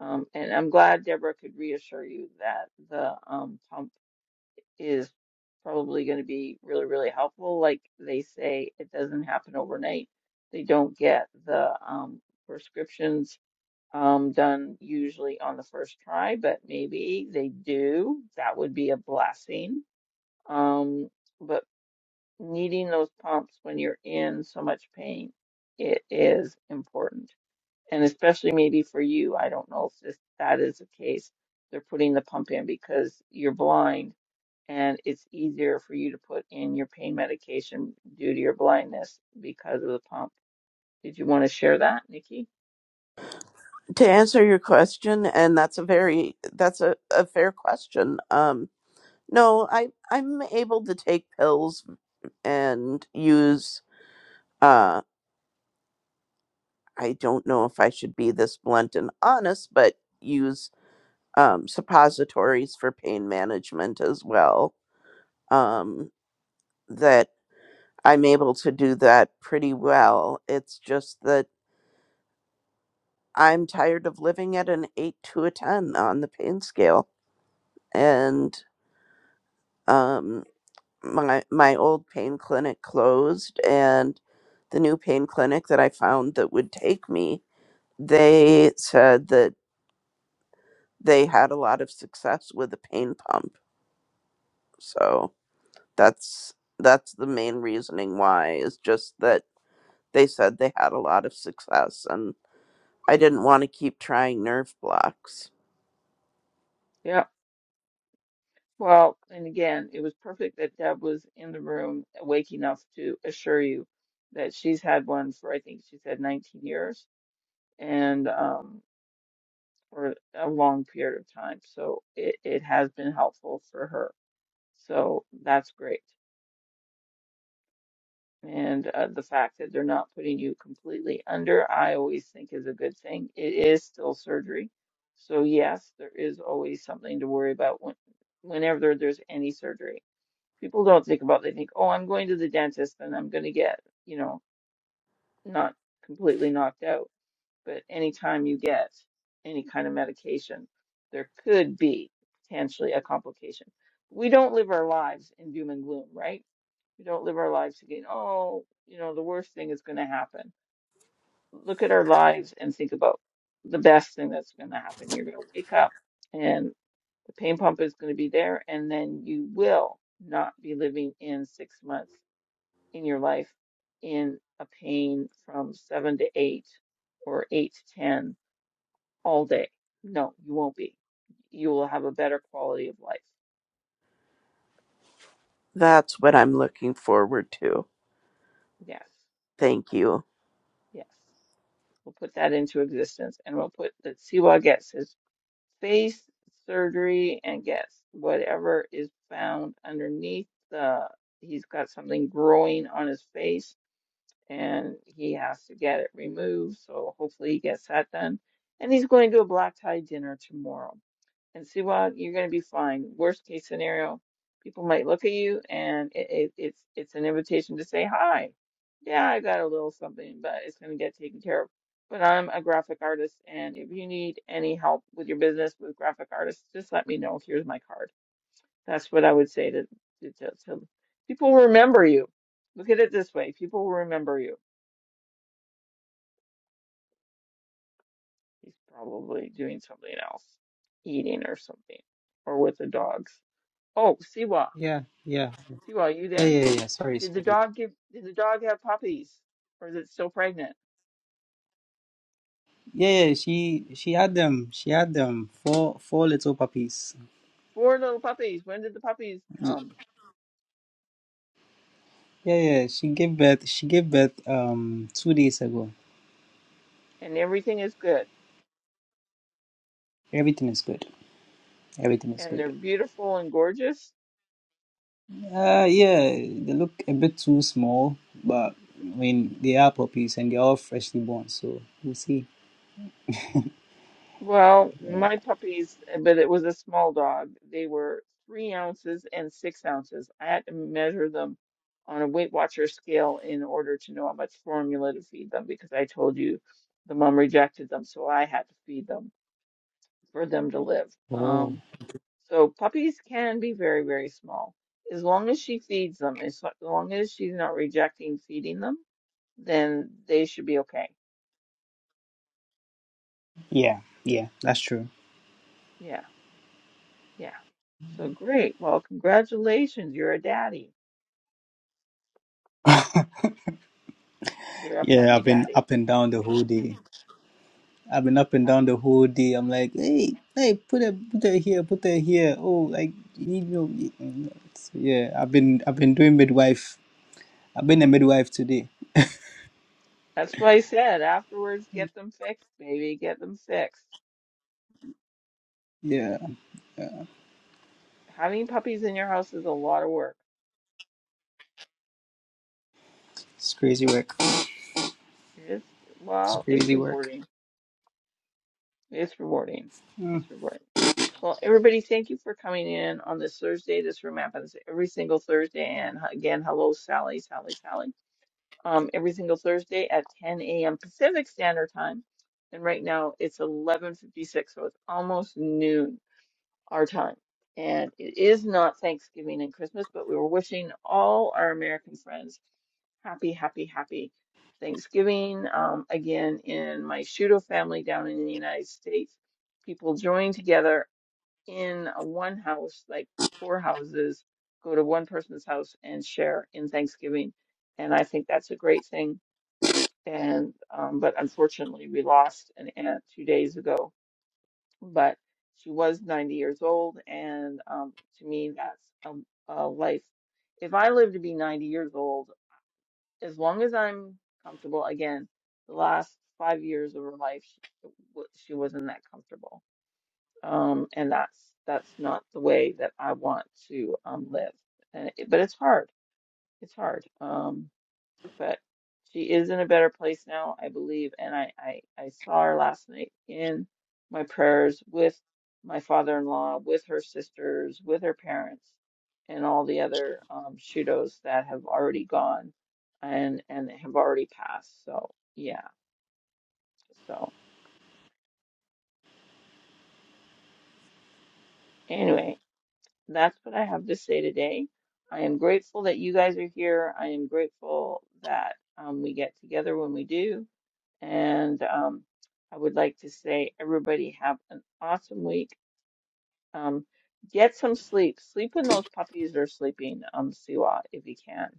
A: Um, and I'm glad Deborah could reassure you that the um, pump is probably going to be really, really helpful. Like they say, it doesn't happen overnight. They don't get the um, prescriptions um, done usually on the first try, but maybe they do. That would be a blessing. Um, but needing those pumps when you're in so much pain, it is important and especially maybe for you, I don't know if this that is the case. They're putting the pump in because you're blind and it's easier for you to put in your pain medication due to your blindness because of the pump. Did you want to share that, Nikki?
E: to answer your question and that's a very that's a, a fair question um no i i'm able to take pills and use uh i don't know if i should be this blunt and honest but use um suppositories for pain management as well um that i'm able to do that pretty well it's just that i'm tired of living at an 8 to a 10 on the pain scale and um my my old pain clinic closed and the new pain clinic that I found that would take me, they said that they had a lot of success with the pain pump. So that's that's the main reasoning why is just that they said they had a lot of success and I didn't want to keep trying nerve blocks.
A: Yeah. Well, and again, it was perfect that Deb was in the room awake enough to assure you that she's had one for I think she said 19 years and um for a long period of time. So it, it has been helpful for her So that's great. And uh, the fact that they're not putting you completely under, I always think is a good thing. It is still surgery. So, yes, there is always something to worry about when, whenever there- there's any surgery. People don't think about, they think, oh, I'm going to the dentist and I'm going to get, you know, not completely knocked out But anytime you get any kind of medication, there could be potentially a complication. We don't live our lives in doom and gloom, right? We don't live our lives thinking, oh, you know, the worst thing is going to happen. Look at our lives and think about the best thing that's going to happen. You're going to wake up and the pain pump is going to be there, and then you will not be living in six months in your life in a pain from seven to eight or eight to 10 all day. No, you won't be. You will have a better quality of life.
E: That's what I'm looking forward to.
A: Yes,
E: Thank you.
A: yes. We'll put that into existence and we'll put that Siwa gets his face surgery and gets whatever is found underneath the, he's got something growing on his face and he has to get it removed. So hopefully he gets that done. And he's going to a black tie dinner tomorrow. And Siwa, you're going to be fine. Worst case scenario, people might look at you, and it, it, it's it's an invitation to say hi. Yeah, I got a little something, but it's going to get taken care of. But I'm a graphic artist, and if you need any help with your business with graphic artists, just let me know. Here's my card. That's what I would say to to, to, to people. Remember you. Look at it this way: people will remember you He's probably doing something else, eating or something, or with the dogs. Oh, Siwa,
D: yeah, yeah,
A: Siwa, are you
D: yeah,
A: there?
D: yeah, yeah. Sorry,
A: Did the
D: sorry.
A: dog give? Did the dog have puppies, or is it still pregnant?
D: Yeah, yeah. She she had them. She had them four four little puppies.
A: Four little puppies. When did the puppies
D: Y-
A: come?
D: Yeah, yeah. She gave birth. She gave birth um two days ago.
A: And everything is good,
D: Everything is good. Everything is
A: and
D: good.
A: they're beautiful and gorgeous.
D: Uh, yeah. They look a bit too small, but I mean they are puppies and they're all freshly born. So we'll see.
A: Well,
D: Yeah.
A: my puppies, eh, but it was a small dog. They were three ounces and six ounces. I had to measure them on a Weight Watcher scale in order to know how much formula to feed them because I told you the mom rejected them, so I had to feed them for them to live.
D: Oh,
A: Um, so puppies can be very, very small. As long as she feeds them, as lo- long as she's not rejecting feeding them, then they should be okay.
D: yeah, yeah. That's true.
A: Yeah. Yeah. So great. Well, congratulations. You're a daddy. You're a
D: Yeah,
A: puppy
D: I've been
A: daddy.
D: up and down the whole day. I've been up and
A: Pup-
D: down the whole day. I'm like, hey, hey, put it, put it here, put it here. Oh, like you need no. Yeah, I've been, I've been doing midwife. I've been a midwife today.
A: That's what I said. Afterwards, get them fixed, baby. Get them fixed.
D: Yeah,
A: Having puppies in your house is a lot of work.
D: it's crazy work.
A: It's,
D: It's
A: well, it's
D: crazy work.
A: rewarding. It's rewarding.
D: Mm.
A: It's rewarding. Well, everybody, thank you for coming in on this Thursday. This room happens every single Thursday. And h- again, hello, Sally, Sally, Sally. um, every single Thursday at 10 a.m. Pacific Standard Time. And right now it's 11:56, so it's almost noon our time. And it is not Thanksgiving and Christmas, but we were wishing all our American friends happy, happy, happy Thanksgiving. Um, again, in my Shudo family down in the United States, people join together in a one house, like four houses, go to one person's house and share in Thanksgiving. And I think that's a great thing and um, but unfortunately we lost an aunt two days ago. But she was 90 years old, and um, to me that's a, a life. If I live to be 90 years old, as long as I'm comfortable, again, the last five years of her life she, w- she wasn't that comfortable, um, and that's that's not the way that I want to um, live. And it, but it's hard. It's hard. Um, but she is in a better place now, I believe. And I, I, I saw her last night in my prayers with my father-in-law, with her sisters, with her parents, and all the other um, Shudos that have already gone and and have already passed. So yeah. So anyway, that's what I have to say today. I am grateful that you guys are here. I am grateful that um, we get together when we do. And um, I would like to say, everybody have an awesome week. Um, get some sleep. Sleep when those puppies are sleeping, um, Siwa, if you can.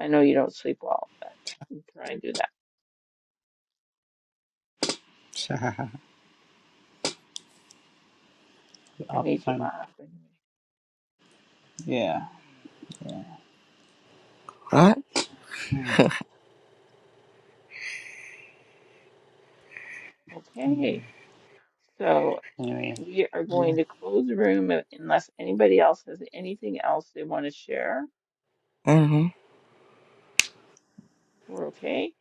A: I know you don't sleep well, but try and do that. I
D: I'll be
A: made you
D: fine.
A: laugh. anyway.
D: Yeah.
F: Right?
D: Mm.
A: Okay. So
D: Anyway.
A: we are
D: Yeah.
A: going to close the room un- unless anybody else has anything else they want to share.
F: Mm-hmm.
A: We're okay.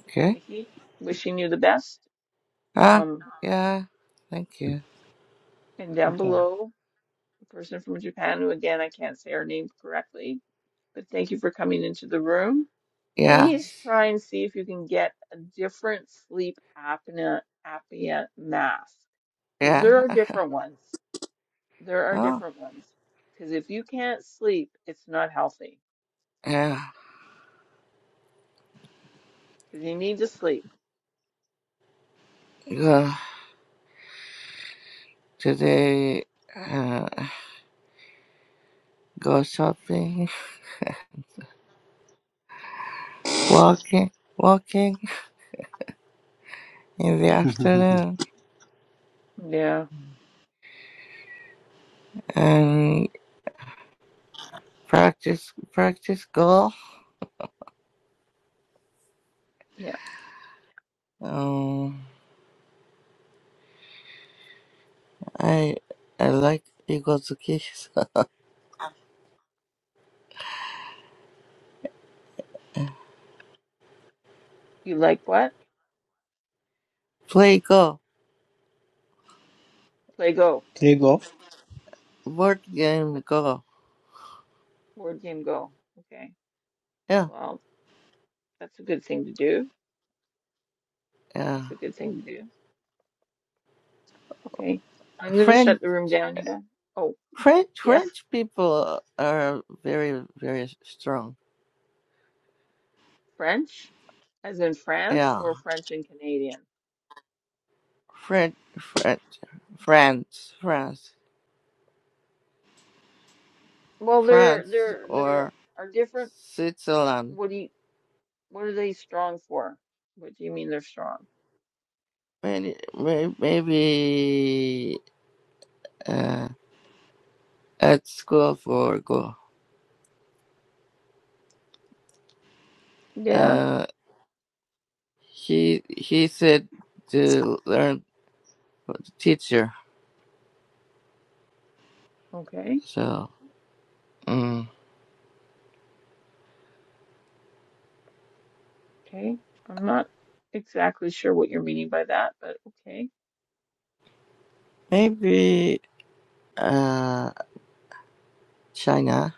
F: Okay.
A: Nikki, wishing you the best.
F: Ah,
A: Um,
F: yeah. Thank you.
A: and down
D: Okay.
A: below, the person from Japan who, again, I can't say her name correctly but thank you for coming into the room.
F: Yeah,
A: Please try and see if you can get a different sleep apnea apnea mask because
F: yeah.
A: there are different ones. There are
F: Oh,
A: different ones because if you can't sleep, it's not healthy
F: yeah.
A: because you need to sleep.
F: Go today. Uh, go shopping, walking, walking in the afternoon,
A: Yeah,
F: and practice, practice golf.
A: yeah.
F: Um, I, I like Igozuki.
A: You like what?
F: Play golf,
A: Play Go.
D: Play golf.
F: board game golf.
A: Board game Go. Okay.
F: Yeah,
A: Well, that's a good thing to do. That's a
F: yeah.
A: good thing to do. Okay. I'm gonna
F: Friend.
A: shut the room down, you guys. Oh,
F: French
A: yes.
F: French people are very very strong.
A: French, as in France,
F: Yeah,
A: or French and Canadian?
F: French French France France
A: Well, there,
F: France
A: there, there are
F: or
A: are different.
F: Switzerland.
A: What do you what are they strong for? What do you mean they're strong?
F: Maybe may- maybe uh, at school for go.
A: Yeah.
F: Uh, he he said to learn for the teacher.
A: Okay.
F: So mm,
A: Okay. I'm not exactly sure what you're meaning by that, but okay.
F: maybe uh China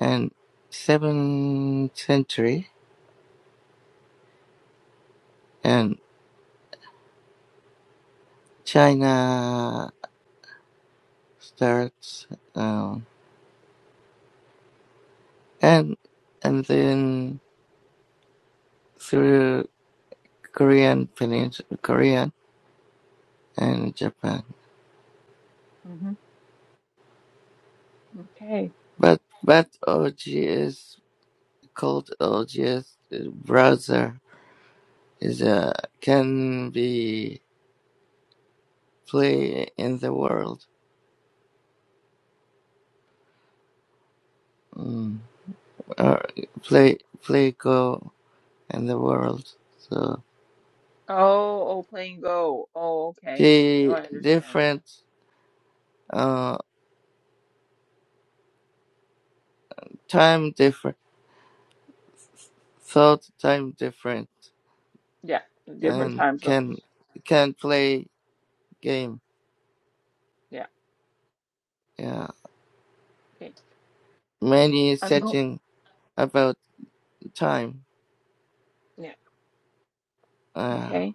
F: and seventh century and China starts um, and and then through Korean Peninsula, Korean and Japan.
A: hmm Okay.
F: But but OGS called OGS browser is a can be play in the world, mm. or play play go in the world. So
A: Oh, oh, playing Go. Oh, okay. Now
F: the
A: I understand.
F: different uh time different thought time different
A: Yeah, different
F: and
A: time
F: can
A: zones.
F: can play game.
A: Yeah.
F: Yeah,
A: Okay.
F: many
A: I'm go.
F: setting about time.
A: Yeah.
F: Uh,
A: Okay.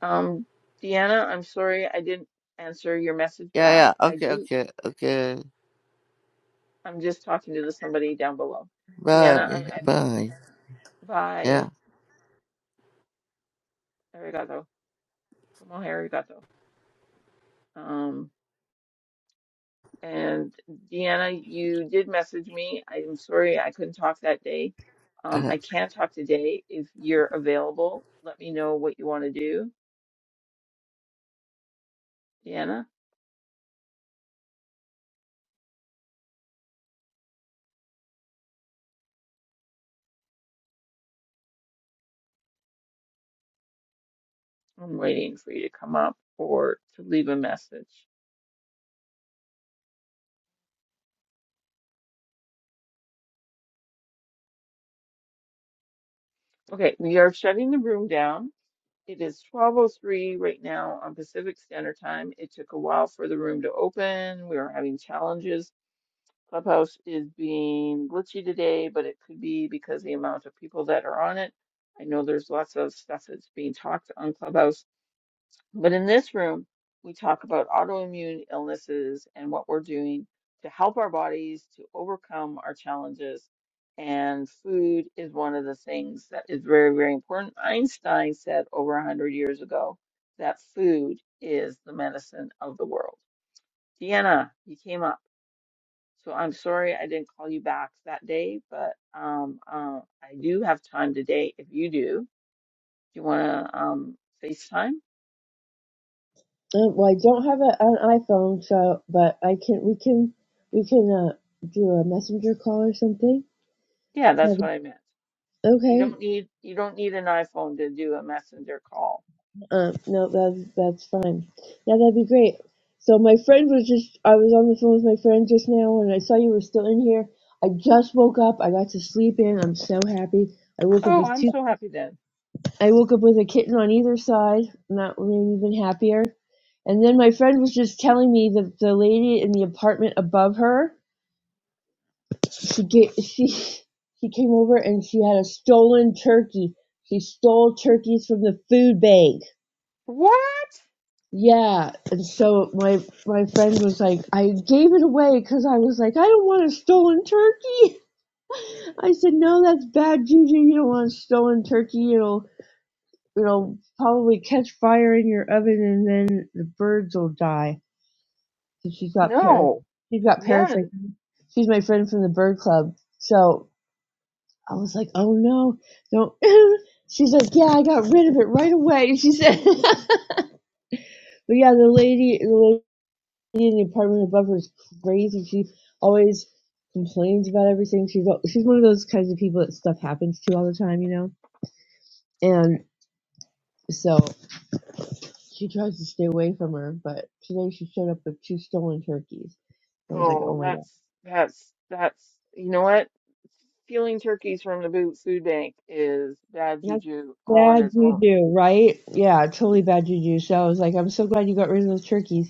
A: Um, Deanna, I'm sorry I didn't answer your message
F: yeah,
A: back.
F: yeah.
A: I
F: Okay,
A: do.
F: okay, okay.
A: I'm just talking to the somebody down below. Deanna,
F: Bye,
A: I'm at
F: bye.
A: bye.
F: Yeah.
A: Arigato. Tomo arigato. Um, and Deanna, you did message me. I'm sorry I couldn't talk that day. Um, I can talk today if you're available. Let me know what you want to do. Deanna, I'm waiting for you to come up or to leave a message. Okay, we are shutting the room down. It is 12:03 right now on Pacific Standard Time. It took a while for the room to open. We were having challenges. Clubhouse is being glitchy today, but it could be because the amount of people that are on it. I know there's lots of stuff that's being talked on Clubhouse but in this room, we talk about autoimmune illnesses and what we're doing to help our bodies to overcome our challenges. And food is one of the things that is very, very important. Einstein said over 100 years ago that food is the medicine of the world. Deanna, you came up. So I'm sorry I didn't call you back that day, but um, uh, I do have time today if you do. Do you want to um, FaceTime?
G: Uh, well, I don't have a, an iPhone, so but I can we can we can uh, do a messenger call or something.
A: Yeah, that's
G: That'd
A: what I meant.
G: be,
A: You
G: okay.
A: don't need you don't need an iPhone to do a messenger call.
G: Uh, no, that's that's fine. Yeah, that'd be great. So my friend was just I was on the phone with my friend just now, and I saw you were still in here. I just woke up. I got to sleep in. I'm so happy. I woke up
A: Oh,
G: with
A: I'm
G: two.
A: so happy then.
G: I woke up with a kitten on either side, and that made me even happier. And then my friend was just telling me that the lady in the apartment above her she get she she came over and she had a stolen turkey. She stole turkeys from the food bank.
A: What?
G: Yeah, and so my my friend was like, I gave it away because I was like, I don't want a stolen turkey. I said, no, that's bad juju. You don't want a stolen turkey. It'll it'll probably catch fire in your oven and then the birds will die. So she's got parents.
A: No.
G: She's got
A: Yeah.
G: parents like
A: n-
G: me. she's my friend from the bird club. So I was like, oh no, don't. She's like, yeah, I got rid of it right away. She said, but yeah, the lady, the lady in the apartment above her is crazy. She always complains about everything. She's al- she's one of those kinds of people that stuff happens to all the time, you know. And so she tries to stay away from her, but today she showed up with two stolen turkeys. I was like,
A: Oh,
G: oh my god,
A: that's that's that's you know what? Stealing turkeys from the boot food bank is bad
G: that's
A: juju all on
G: bad
A: its own.
G: juju, right? Yeah, totally bad juju. So I was like, I'm so glad you got rid of those turkeys.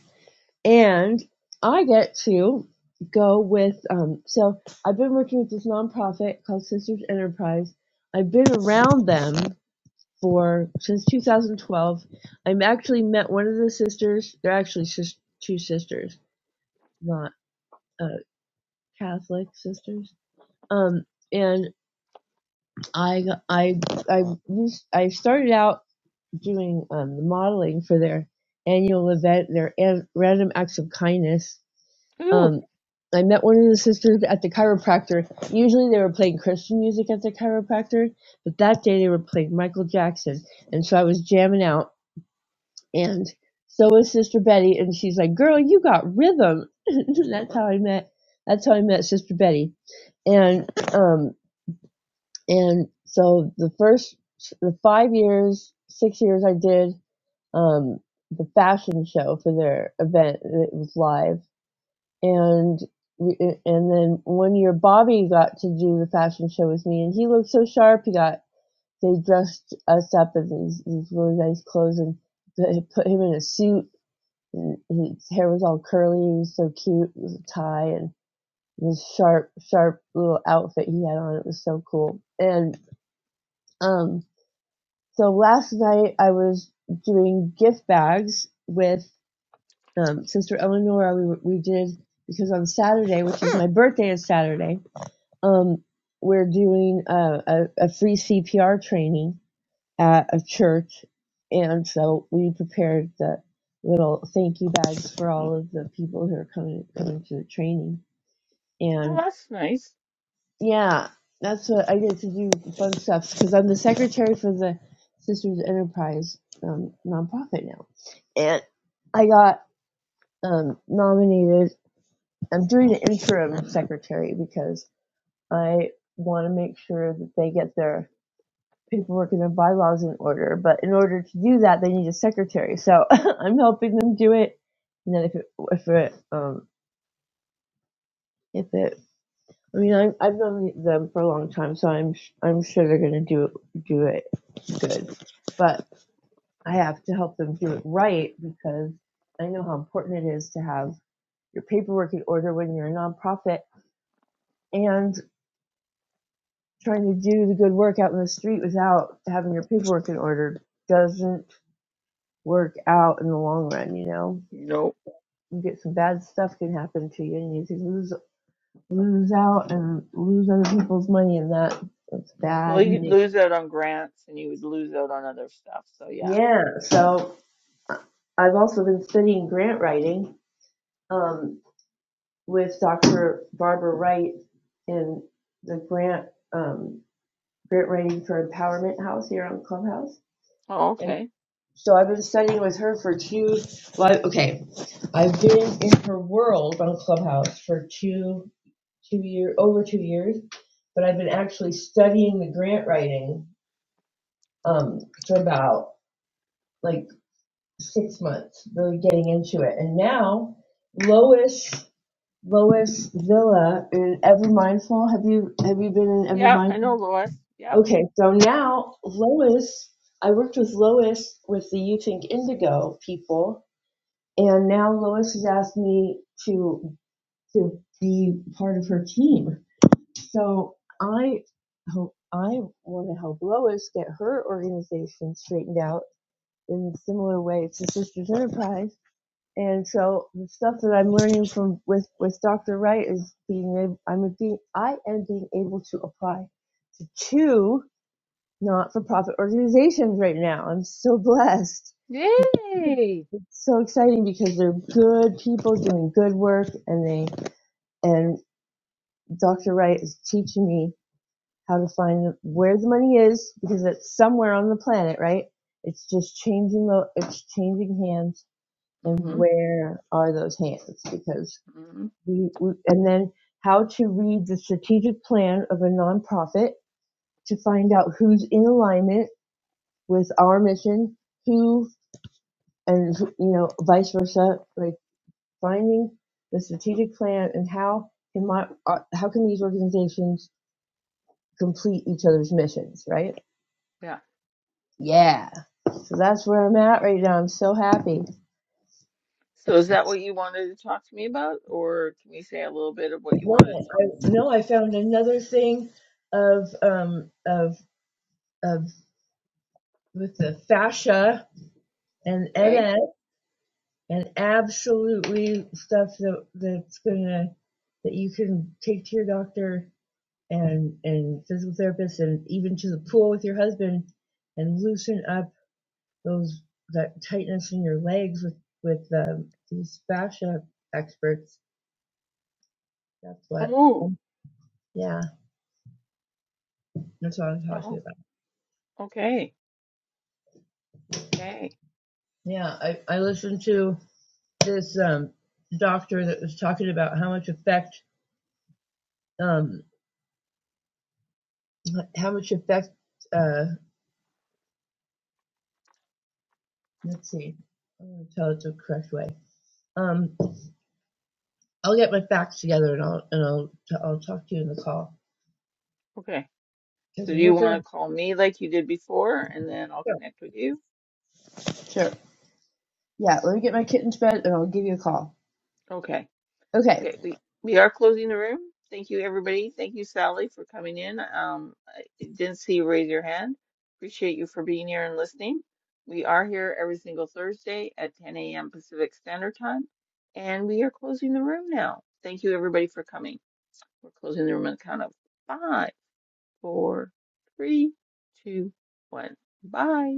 G: and I get to go with. Um, so I've been working with this nonprofit called Sisters Enterprise. I've been around them for since 2012. i have actually met one of the sisters. They're actually sis- two sisters, not uh, Catholic sisters. Um, and I I I used, I started out doing um, the modeling for their annual event, their an- random acts of kindness
A: Ooh,
G: Um, I met one of the sisters at the chiropractor. Usually they were playing Christian music at the chiropractor, but that day they were playing Michael Jackson. And so I was jamming out, and so was Sister Betty. And she's like, Girl, you got rhythm. And that's how I met. That's how I met Sister Betty. And, um, and so the first, the five years, six years I did, um, the fashion show for their event. It was live and and then one year Bobby got to do the fashion show with me, and he looked so sharp. He got they dressed us up in these these really nice clothes and put him in a suit. And his hair was all curly. He was so cute. It was a tie and this sharp, sharp little outfit he had on. It was so cool. And um, so last night I was doing gift bags with um, Sister Eleonora. We we did because on Saturday, which is my birthday, is Saturday Um, we're doing a, a, a free CPR training at a church, and so we prepared the little thank you bags for all of the people who are coming coming to the training.
A: well
G: And
A: that's nice.
G: yeah, that's what I get to do fun stuff because I'm the secretary for the Sisters Enterprise um, nonprofit now, and I got um, nominated. I'm doing an interim secretary because I want to make sure that they get their paperwork and their bylaws in order. But in order to do that, they need a secretary. So I'm helping them do it. And then if it, if it, um, if it, I mean, I, I've known them for a long time, so I'm I'm sure they're gonna do do it good. But I have to help them do it right because I know how important it is to have your paperwork in order when you're a nonprofit and trying to do the good work out in the street without having your paperwork in order doesn't work out in the long run, you know.
A: Nope.
G: You get some bad stuff can happen to you and you lose lose out and lose other people's money and that that's
A: Well,
G: bad
A: you'd
G: news.
A: lose out on grants and you would lose out on other stuff. So yeah.
G: Yeah. So I- have also been studying grant writing um, with Dr. Barbara Wright in the grant um, grant writing for Empowerment House here on Clubhouse.
A: Oh,
G: And
A: okay.
G: so I've been studying with her for two well, I- okay. I've been in her world on Clubhouse for two two year over two years, but I've been actually studying the grant writing um, for about like six months, really getting into it. And now Lois Lois Villa in Ever Mindful. Have you have you been in Ever
A: Yeah, I
G: Mindful?
A: know, Lois. Yeah.
G: Okay, so now Lois I worked with Lois with the You Think Indigo people and now Lois has asked me to to be part of her team. So I hope I want to help Lois get her organization straightened out in a similar way to Sisters Enterprise. And so the stuff that I'm learning from with with Dr. Wright is being able I'm being I am being able to apply to two not-for-profit organizations right now. I'm so blessed.
A: Yay.
G: It's so exciting because they're good people doing good work and they and Dr. Wright is teaching me how to find where the money is because it's somewhere on the planet, right? It's just changing the it's changing hands and
A: Mm-hmm.
G: where are those hands because
A: Mm-hmm.
G: we, we and then how to read the strategic plan of a nonprofit to find out who's in alignment with our mission, who and you know vice versa, like finding the strategic plan and how can my uh, how can these organizations complete each other's missions, right?
A: yeah.
G: Yeah. So that's where I'm at right now. I'm so happy.
A: So is that what you wanted to talk to me about, or can we say a little bit of what you
G: No,
A: wanted to talk
G: I,
A: to me about?
G: no, I found another thing of um of of with the fascia and
A: Okay.
G: MS and absolutely stuff that that's gonna that you can take to your doctor and and physical therapist and even to the pool with your husband and loosen up those that tightness in your legs with with um, these fascia experts. That's what.
A: Oh,
G: Yeah, that's what I was talking
A: oh,
G: about.
A: okay, okay,
G: Yeah, I, I listened to this um, doctor that was talking about how much effect, um, how much effect, uh, let's see, I'm going to tell it the correct way. Um, I'll get my facts together and I'll, and I'll, I'll talk to you in the call
A: okay.
G: because
A: So do
G: we're
A: you
G: working
A: want
G: on
A: to call me like you did before, and then I'll
G: Sure.
A: connect with you?
G: Sure. Yeah, let me get my kitten to bed and I'll give you a call.
A: Okay.
G: Okay.
A: Okay, we, we are closing the room. Thank you, everybody. Thank you, Sally, for coming in. Um, I didn't see you raise your hand. Appreciate you for being here and listening. We are here every single Thursday at 10 a.m. Pacific Standard Time, and we are closing the room now. Thank you, everybody, for coming. We're closing the room on the count of five, four, three, two, one. Bye.